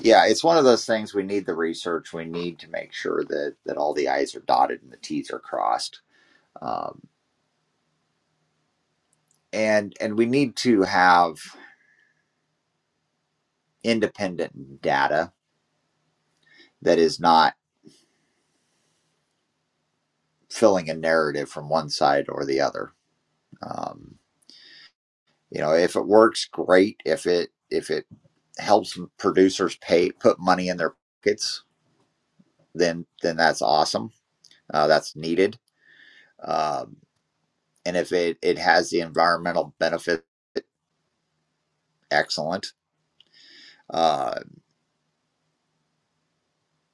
A: yeah, it's one of those things. We need the research. We need to make sure that that all the i's are dotted and the t's are crossed, um, and and we need to have independent data that is not filling a narrative from one side or the other. Um, you know, if it works, great. If it if it helps producers pay put money in their pockets, then then that's awesome uh, that's needed. Um, and if it, it has the environmental benefit, excellent. Uh,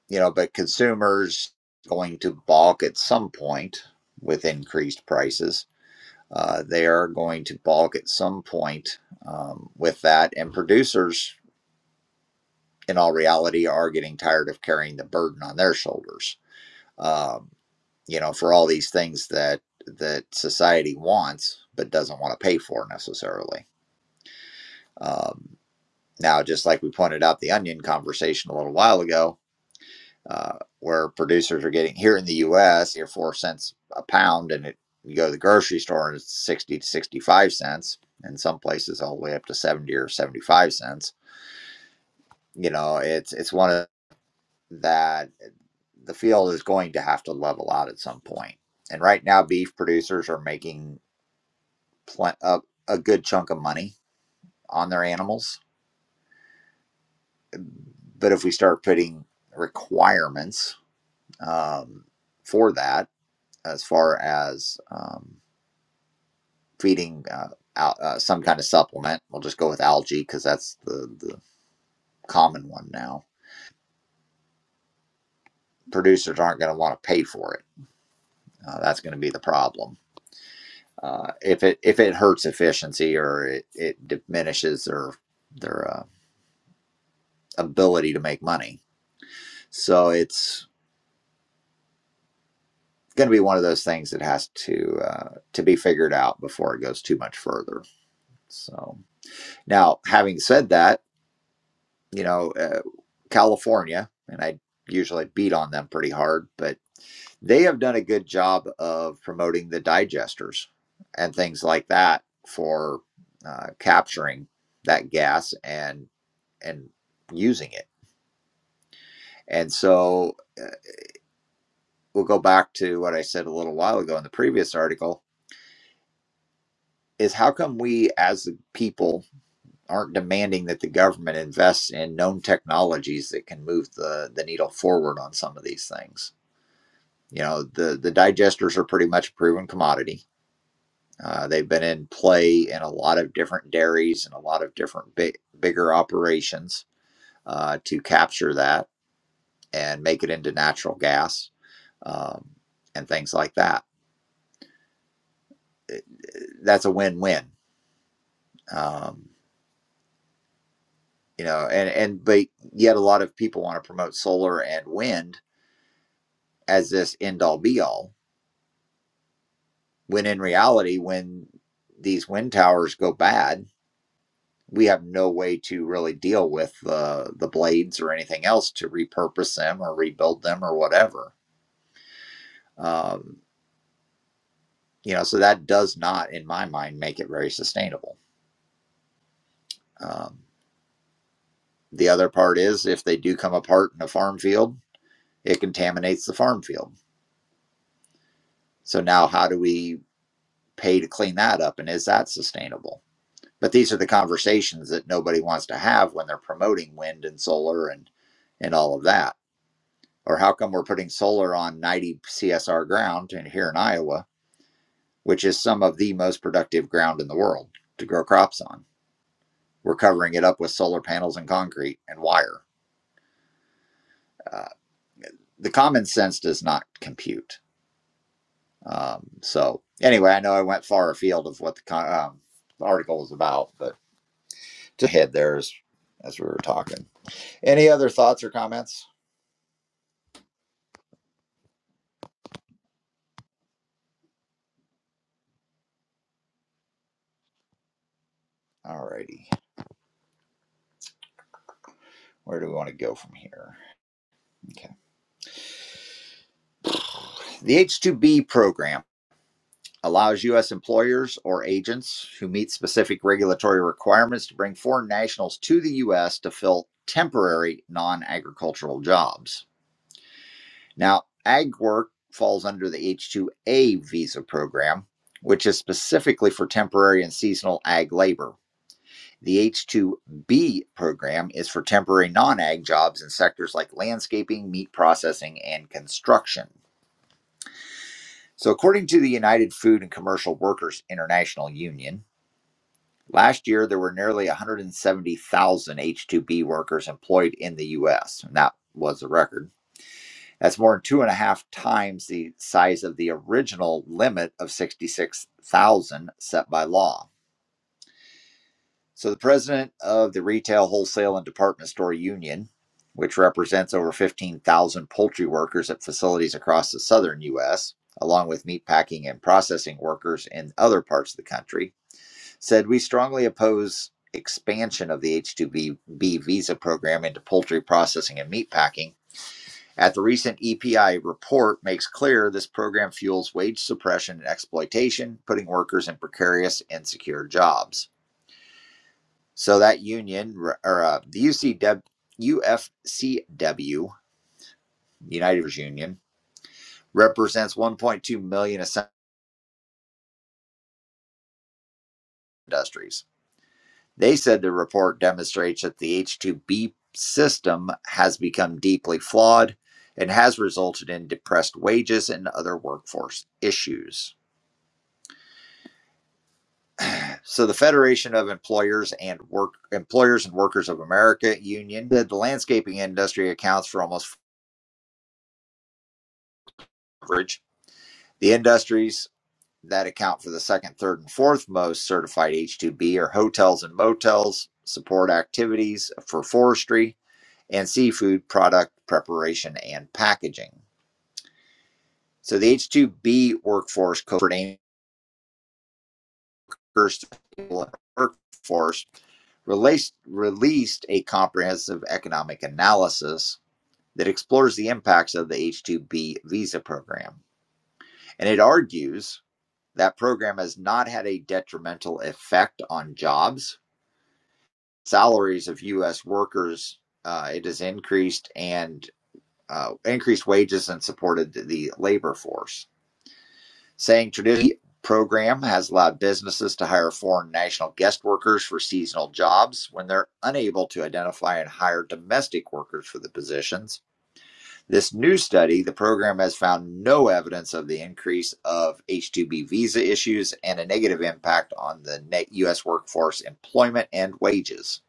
A: you know, but consumers going to balk at some point with increased prices. Uh, they are going to balk at some point um, with that. And producers, in all reality, are getting tired of carrying the burden on their shoulders. Um, you know, for all these things that that society wants but doesn't want to pay for necessarily. Um, Now, just like we pointed out the onion conversation a little while ago, uh, where producers are getting here in the U.S. your four cents a pound, and it you go to the grocery store and it's sixty to sixty-five cents, and some places all the way up to seventy or seventy-five cents. You know, it's it's one of that the field is going to have to level out at some point. And right now, beef producers are making pl- a, a good chunk of money on their animals, but if we start putting requirements um, for that as far as um, feeding uh, al- uh, some kind of supplement. We'll just go with algae because that's the, the common one now. Producers aren't going to want to pay for it. Uh, that's going to be the problem. Uh, if it if it hurts efficiency or it, it diminishes their their uh, ability to make money, so it's going to be one of those things that has to uh, to be figured out before it goes too much further. So now, having said that, you know, uh, California, and I usually beat on them pretty hard, but they have done a good job of promoting the digesters and things like that for uh, capturing that gas and and using it. And so uh, we'll go back to what I said a little while ago in the previous article is how come we as the people aren't demanding that the government invests in known technologies that can move the, the needle forward on some of these things you know the the digesters are pretty much a proven commodity. Uh, they've been in play in a lot of different dairies and a lot of different big, bigger operations uh, to capture that and make it into natural gas um, and things like that. That's a win-win, um, you know. And and but yet a lot of people want to promote solar and wind as this end-all be-all. When in reality, when these wind towers go bad we have no way to really deal with the the blades or anything else to repurpose them or rebuild them or whatever. Um, you know, so that does not, in my mind, make it very sustainable. Um, the other part is if they do come apart in a farm field, it contaminates the farm field. So now, how do we pay to clean that up, and is that sustainable? But these are the conversations that nobody wants to have when they're promoting wind and solar and and all of that or how come we're putting solar on 90 CSR ground in, here in Iowa, which is some of the most productive ground in the world to grow crops on? We're covering it up with solar panels and concrete and wire. Uh, the common sense does not compute. Um, so, anyway, I know I went far afield of what the, con- um, the article is about, but to head there as, as we were talking. Any other thoughts or comments? All righty. Where do we want to go from here? Okay. The H2B program. allows U.S. employers or agents who meet specific regulatory requirements to bring foreign nationals to the U.S. to fill temporary non agricultural jobs. Now, ag work falls under the H 2A visa program, which is specifically for temporary and seasonal ag labor. The H 2B program is for temporary non ag jobs in sectors like landscaping, meat processing, and construction. So, according to the United Food and Commercial Workers International Union, Last year, there were nearly 170,000 H 2B workers employed in the US, and that was a record. That's more than two and a half times the size of the original limit of 66,000 set by law. So, the president of the Retail, Wholesale, and Department Store Union, which represents over 15,000 poultry workers at facilities across the southern US, along with meatpacking and processing workers in other parts of the country, said we strongly oppose expansion of the H2B visa program into poultry processing and meat packing. At the recent EPI report makes clear this program fuels wage suppression and exploitation, putting workers in precarious, insecure jobs. So that union or uh, the UFCW United Union represents 1.2 million essential industries. They said the report demonstrates that the H2B system has become deeply flawed and has resulted in depressed wages and other workforce issues. So the Federation of Employers and Work Employers and Workers of America Union said the landscaping industry accounts for almost average. The industries that account for the second, third, and fourth most certified H2B are hotels and motels, support activities for forestry, and seafood product preparation and packaging. So the H2B workforce covert anchors workforce released, released a comprehensive economic analysis that explores the impacts of the H2B visa program. And it argues that program has not had a detrimental effect on jobs. Salaries of U.S. workers, uh, it has increased and uh, increased wages and supported the labor force. Saying Sanctuary program has allowed businesses to hire foreign national guest workers for seasonal jobs when they're unable to identify and hire domestic workers for the positions. This new study, the program has found no evidence of the increase of H-2B visa issues and a negative impact on the net U.S. workforce employment and wages.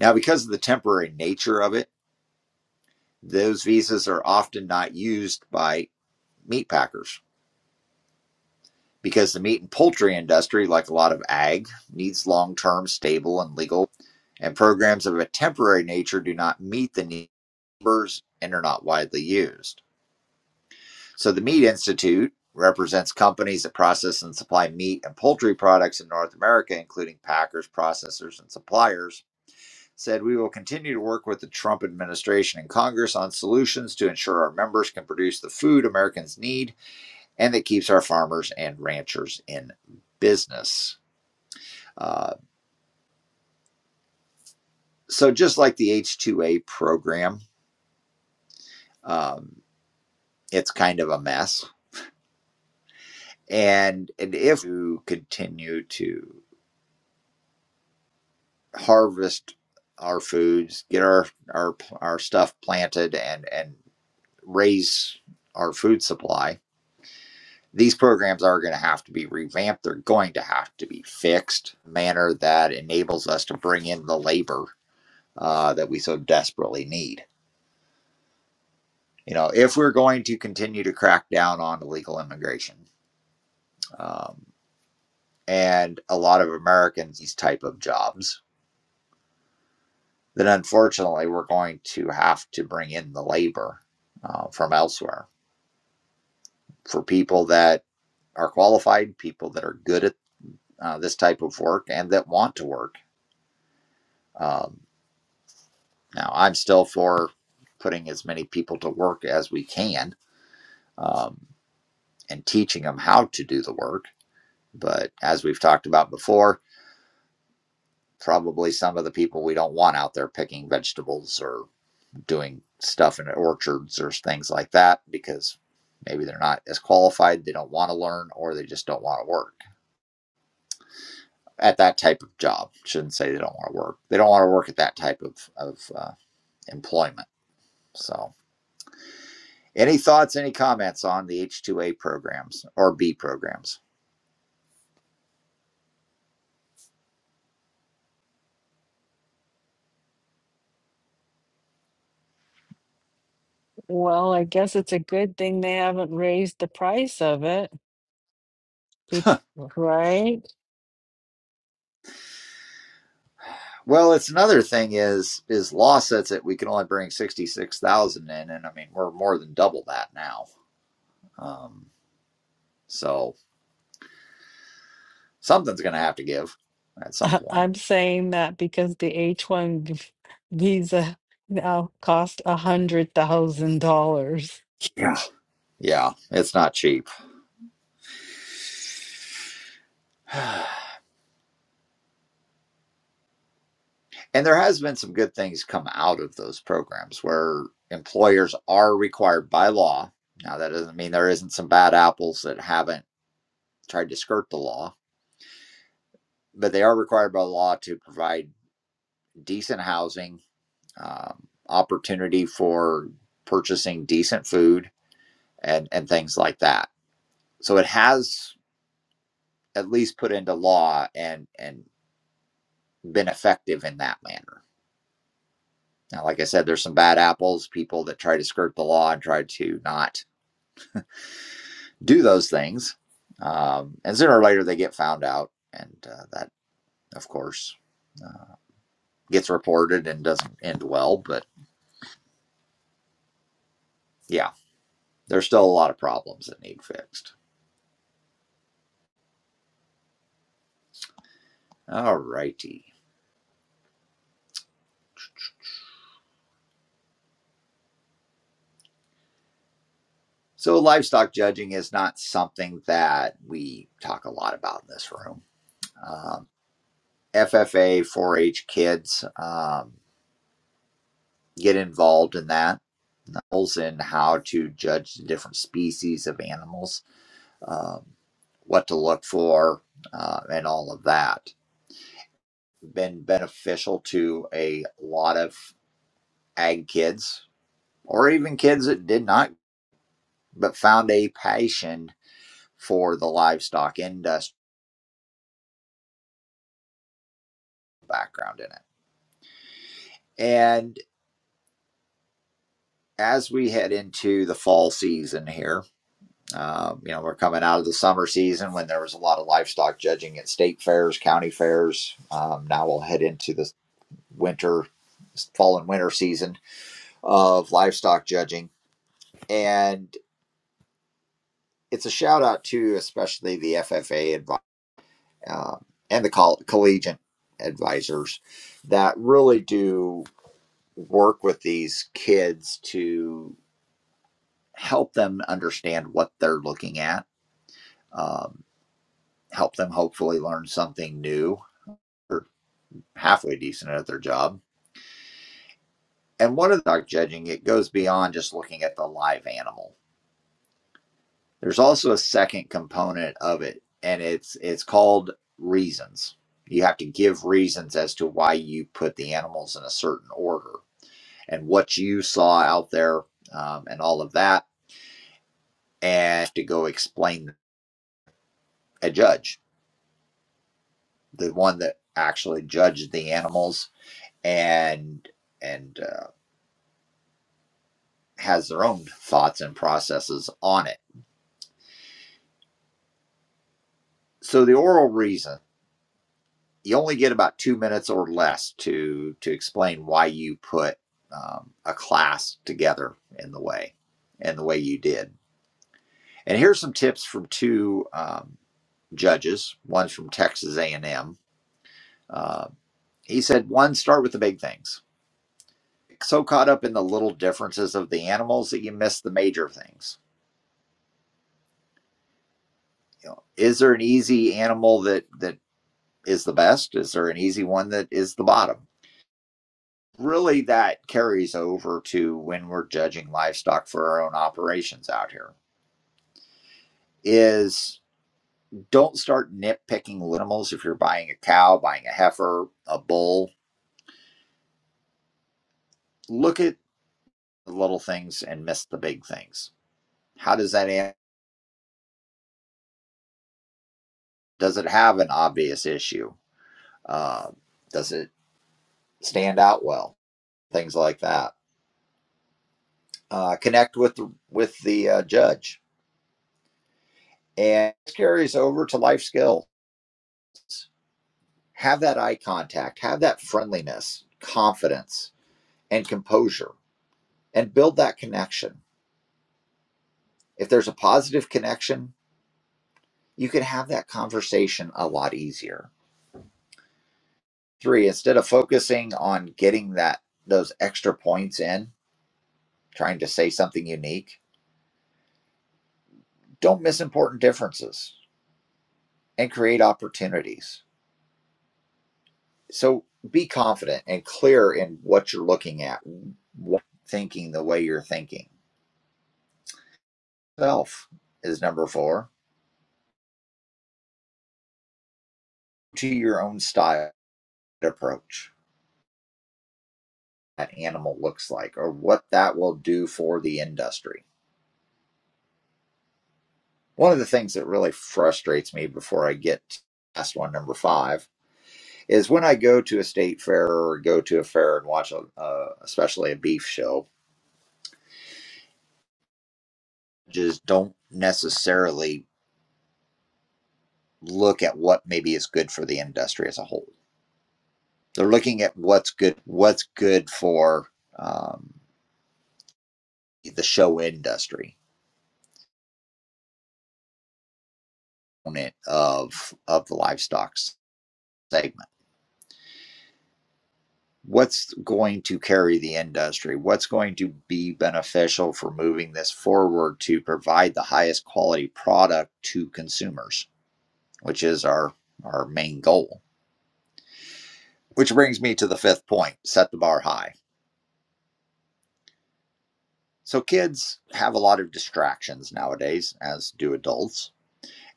A: Now, because of the temporary nature of it, those visas are often not used by meatpackers because the meat and poultry industry, like a lot of ag, needs long term, stable, and legal, and programs of a temporary nature do not meet the numbers and are not widely used. So the Meat Institute represents companies that process and supply meat and poultry products in North America, including packers, processors, and suppliers. Said we will continue to work with the Trump administration and Congress on solutions to ensure our members can produce the food Americans need and that keeps our farmers and ranchers in business. Uh, so, just like the H2A program, um, it's kind of a mess. And, and if we continue to harvest our foods, get our, our, our stuff planted, and, and raise our food supply, these programs are going to have to be revamped. They're going to have to be fixed in a manner that enables us to bring in the labor uh, that we so desperately need. you know, if we're going to continue to crack down on illegal immigration um, and a lot of Americans these type of jobs, then unfortunately we're going to have to bring in the labor uh, from elsewhere for people that are qualified, people that are good at uh, this type of work and that want to work. Um, now, I'm still for putting as many people to work as we can um, and teaching them how to do the work. But as we've talked about before, probably some of the people we don't want out there picking vegetables or doing stuff in orchards or things like that because maybe they're not as qualified, they don't want to learn, or they just don't want to work at that type of job. Shouldn't say they don't want to work. They don't want to work at that type of, of uh, employment. So, any thoughts, any comments on the H2A programs or B programs?
B: Well, I guess it's a good thing they haven't raised the price of it, be- right?
A: Well, it's another thing is is law says that we can only bring sixty six thousand in, and I mean we're more than double that now. Um, So something's going to have to give at some
B: I-
A: point.
B: I'm saying that because the H-1 visa now cost a hundred thousand dollars.
A: Yeah. Yeah, it's not cheap. [SIGHS] And there has been some good things come out of those programs where employers are required by law. Now that doesn't mean there isn't some bad apples that haven't tried to skirt the law, but they are required by law to provide decent housing, um, opportunity for purchasing decent food, and and things like that. So it has at least put into law and and been effective in that manner. Now, like I said, there's some bad apples, people that try to skirt the law and try to not do those things. Um, and sooner or later, they get found out. And uh, that, of course, uh, gets reported and doesn't end well. But yeah, there's still a lot of problems that need fixed. All righty. So, livestock judging is not something that we talk a lot about in this room. Um, FFA, 4 H kids um, get involved in that animals and how to judge the different species of animals, um, what to look for, uh, and all of that. Been beneficial to a lot of ag kids or even kids that did not, but found a passion for the livestock industry background in it. And as we head into the fall season here, Uh, you know, we're coming out of the summer season when there was a lot of livestock judging at state fairs, county fairs. Um, now we'll head into the winter, fall and winter season of livestock judging. And it's a shout out to especially the FFA advi- uh, and the coll- collegiate advisors that really do work with these kids to help them understand what they're looking at, um, help them hopefully learn something new halfway decent at their job. And one of the dog judging, it goes beyond just looking at the live animal. There's also a second component of it, and it's it's called reasons. You have to give reasons as to why you put the animals in a certain order and what you saw out there, um, and all of that, and to go explain a judge, the one that actually judged the animals and and uh, has their own thoughts and processes on it so the oral reason you only get about two minutes or less to to explain why you put um, a class together in the way and the way you did and here's some tips from two um, judges one's from texas a&m uh, he said one start with the big things so caught up in the little differences of the animals that you miss the major things you know is there an easy animal that that is the best is there an easy one that is the bottom really that carries over to when we're judging livestock for our own operations out here is don't start nitpicking little animals if you're buying a cow buying a heifer a bull look at the little things and miss the big things how does that an- does it have an obvious issue uh, does it stand out well things like that uh, connect with with the uh, judge and this carries over to life skills have that eye contact, have that friendliness, confidence, and composure, and build that connection. If there's a positive connection, you can have that conversation a lot easier. Three, instead of focusing on getting that those extra points in, trying to say something unique, don't miss important differences and create opportunities. So be confident and clear in what you're looking at, wh- thinking the way you're thinking. Self is number four to your own style approach that animal looks like or what that will do for the industry. One of the things that really frustrates me before I get to last one, number five, is when I go to a state fair or go to a fair and watch, a, uh, especially a beef show, just don't necessarily look at what maybe is good for the industry as a whole. They're looking at what's good, what's good for um, the show industry of of the livestock segment. What's going to carry the industry? What's going to be beneficial for moving this forward to provide the highest quality product to consumers, which is our, our main goal? Which brings me to the fifth point set the bar high. So, kids have a lot of distractions nowadays, as do adults.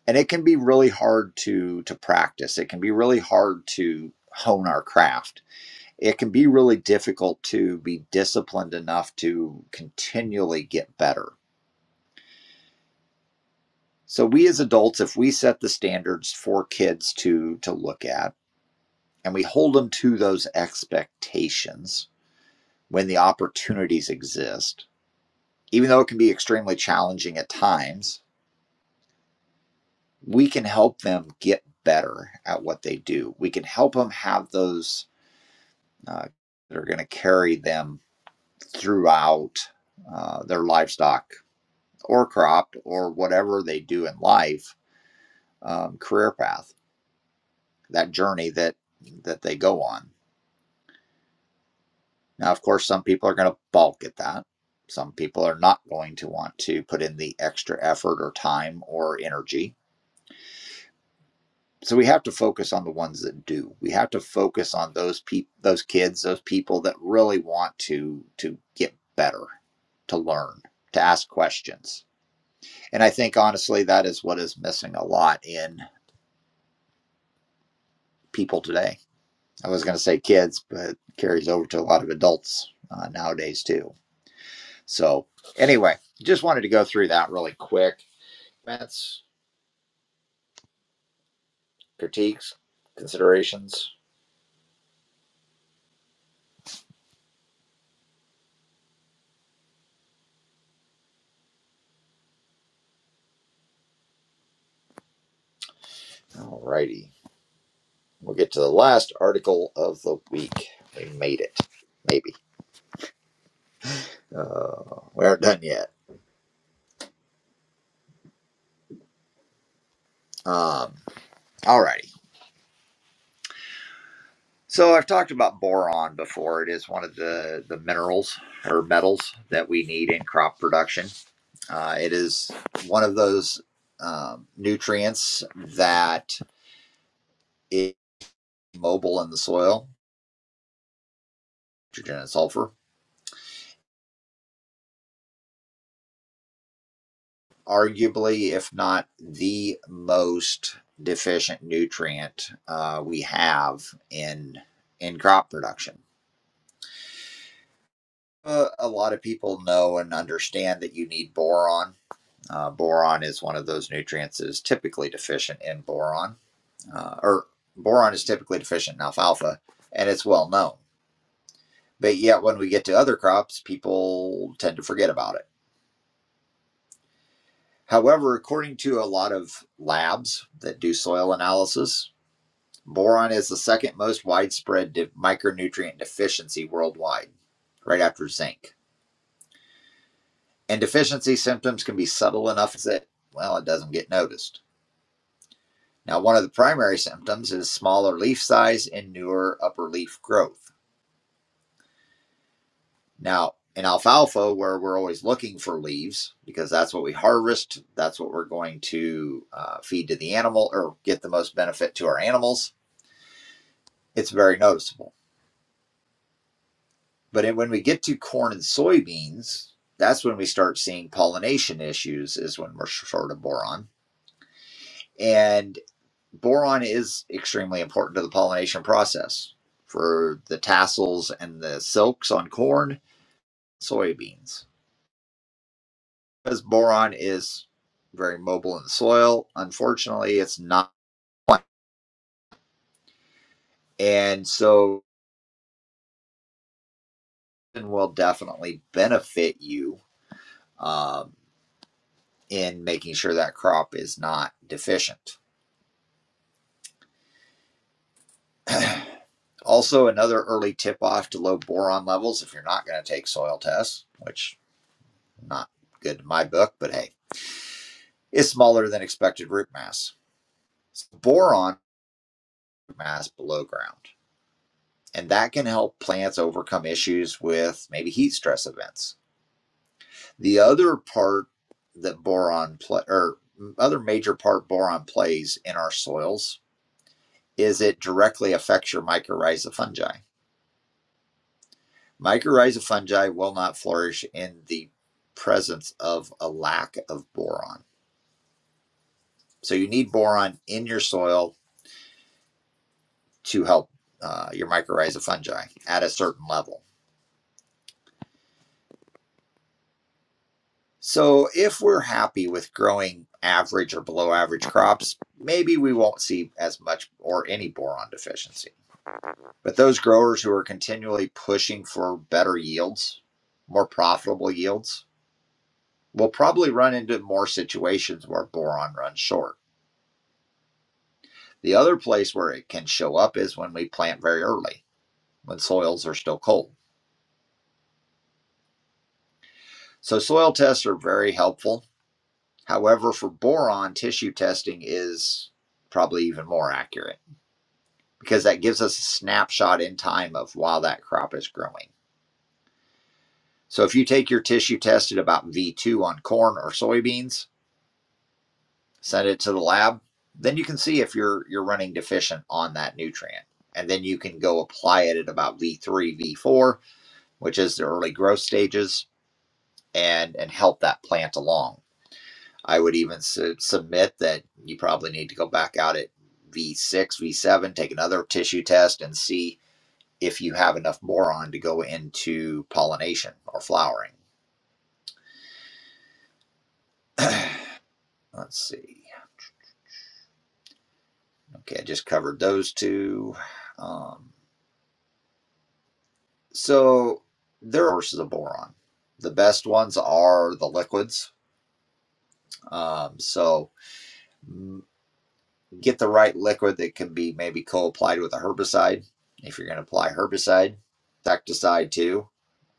A: And it can be really hard to, to practice. It can be really hard to hone our craft it can be really difficult to be disciplined enough to continually get better. So we as adults, if we set the standards for kids to to look at and we hold them to those expectations when the opportunities exist, even though it can be extremely challenging at times, we can help them get better at what they do. We can help them have those uh, that are going to carry them throughout uh, their livestock or cropped or whatever they do in life um, career path that journey that that they go on now of course some people are going to balk at that some people are not going to want to put in the extra effort or time or energy so we have to focus on the ones that do we have to focus on those people those kids those people that really want to to get better to learn to ask questions and i think honestly that is what is missing a lot in people today I was going to say kids, but it carries over to a lot of adults uh, nowadays too. So, anyway, just wanted to go through that really quick. Comments, critiques, considerations. Alrighty, we'll get to the last article of the week. We made it, maybe. Uh, we aren't done yet. Um, alrighty. So I've talked about boron before. It is one of the the minerals or metals that we need in crop production. Uh, it is one of those um, nutrients that is mobile in the soil, nitrogen and sulfur. Arguably, if not the most deficient nutrient uh, we have in in crop production. Uh, a lot of people know and understand that you need boron. Uh, boron is one of those nutrients that is typically deficient in boron, uh, or boron is typically deficient in alfalfa, and it's well known. But yet, when we get to other crops, people tend to forget about it. However, according to a lot of labs that do soil analysis, boron is the second most widespread de- micronutrient deficiency worldwide, right after zinc. And deficiency symptoms can be subtle enough that, well, it doesn't get noticed. Now, one of the primary symptoms is smaller leaf size and newer upper leaf growth. Now, in alfalfa, where we're always looking for leaves because that's what we harvest, that's what we're going to uh, feed to the animal or get the most benefit to our animals, it's very noticeable. But when we get to corn and soybeans, that's when we start seeing pollination issues, is when we're short of boron. And boron is extremely important to the pollination process for the tassels and the silks on corn, soybeans. because boron is very mobile in the soil. Unfortunately, it's not, and so it will definitely benefit you um, in making sure that crop is not deficient. Also, another early tip off to low boron levels if you're not going to take soil tests, which is not good in my book, but hey, is smaller than expected root mass. So Boron mass below ground, and that can help plants overcome issues with maybe heat stress events The other part that boron play or other major part boron plays in our soils is it directly affects your mycorrhiza fungi. Mycorrhiza fungi will not flourish in the presence of a lack of boron. So you need boron in your soil to help uh, your mycorrhiza fungi at a certain level. So if we're happy with growing average or below average crops, maybe we won't see as much or any boron deficiency But those growers who are continually pushing for better yields, more profitable yields, will probably run into more situations where boron runs short. The other place where it can show up is when we plant very early, when soils are still cold. So soil tests are very helpful. However, for boron, tissue testing is probably even more accurate because that gives us a snapshot in time of while that crop is growing. So if you take your tissue test at about V2 on corn or soybeans, send it to the lab. Then you can see if you're you're running deficient on that nutrient. And then you can go apply it at about V3, V4, which is the early growth stages, and and help that plant along. I would even su- submit that you probably need to go back out at V6, V7, take another tissue test and see if you have enough boron to go into pollination or flowering. Let's see. Okay, I just covered those two. Um, So there are sources of boron. The best ones are the liquids. Um, so get the right liquid that can be maybe co-applied with a herbicide if you're going to apply herbicide, insecticide too.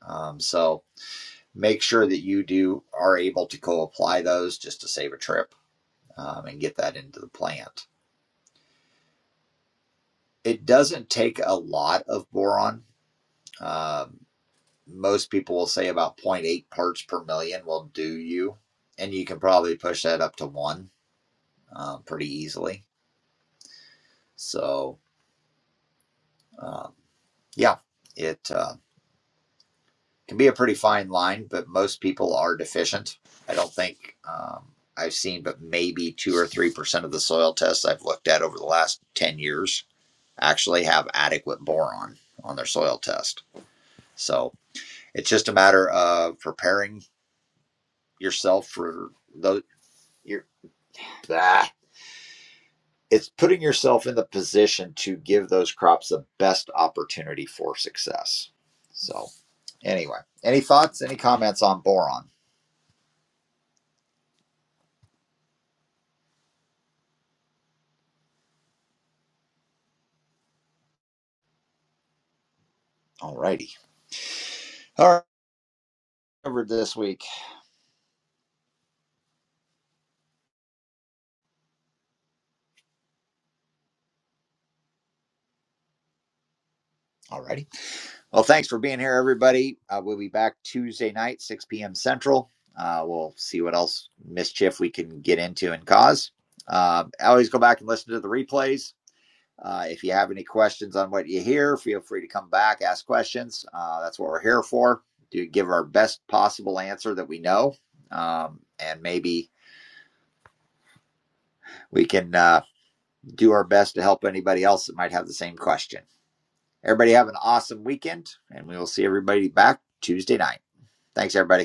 A: Um, so make sure that you do are able to co-apply those just to save a trip um, and get that into the plant. It doesn't take a lot of boron. Um most people will say about zero point 0.8 parts per million will do you. And you can probably push that up to one um, pretty easily. So, um, yeah, it uh, can be a pretty fine line, but most people are deficient. I don't think um, I've seen, but maybe two or 3% of the soil tests I've looked at over the last 10 years actually have adequate boron on their soil test. So, it's just a matter of preparing yourself for those. Your, ah, it's putting yourself in the position to give those crops the best opportunity for success. So, anyway, any thoughts, any comments on boron? Alrighty. All right. covered this week. Alrighty. Well, thanks for being here, everybody. Uh, we'll be back Tuesday night, 6 p.m. Central. Uh, we'll see what else mischief we can get into and cause. Um, always go back and listen to the replays Uh, if you have any questions on what you hear, feel free to come back, ask questions. Uh, that's what we're here for, to give our best possible answer that we know. Um, and maybe we can uh, do our best to help anybody else that might have the same question. Everybody have an awesome weekend, and we will see everybody back Tuesday night. Thanks, everybody.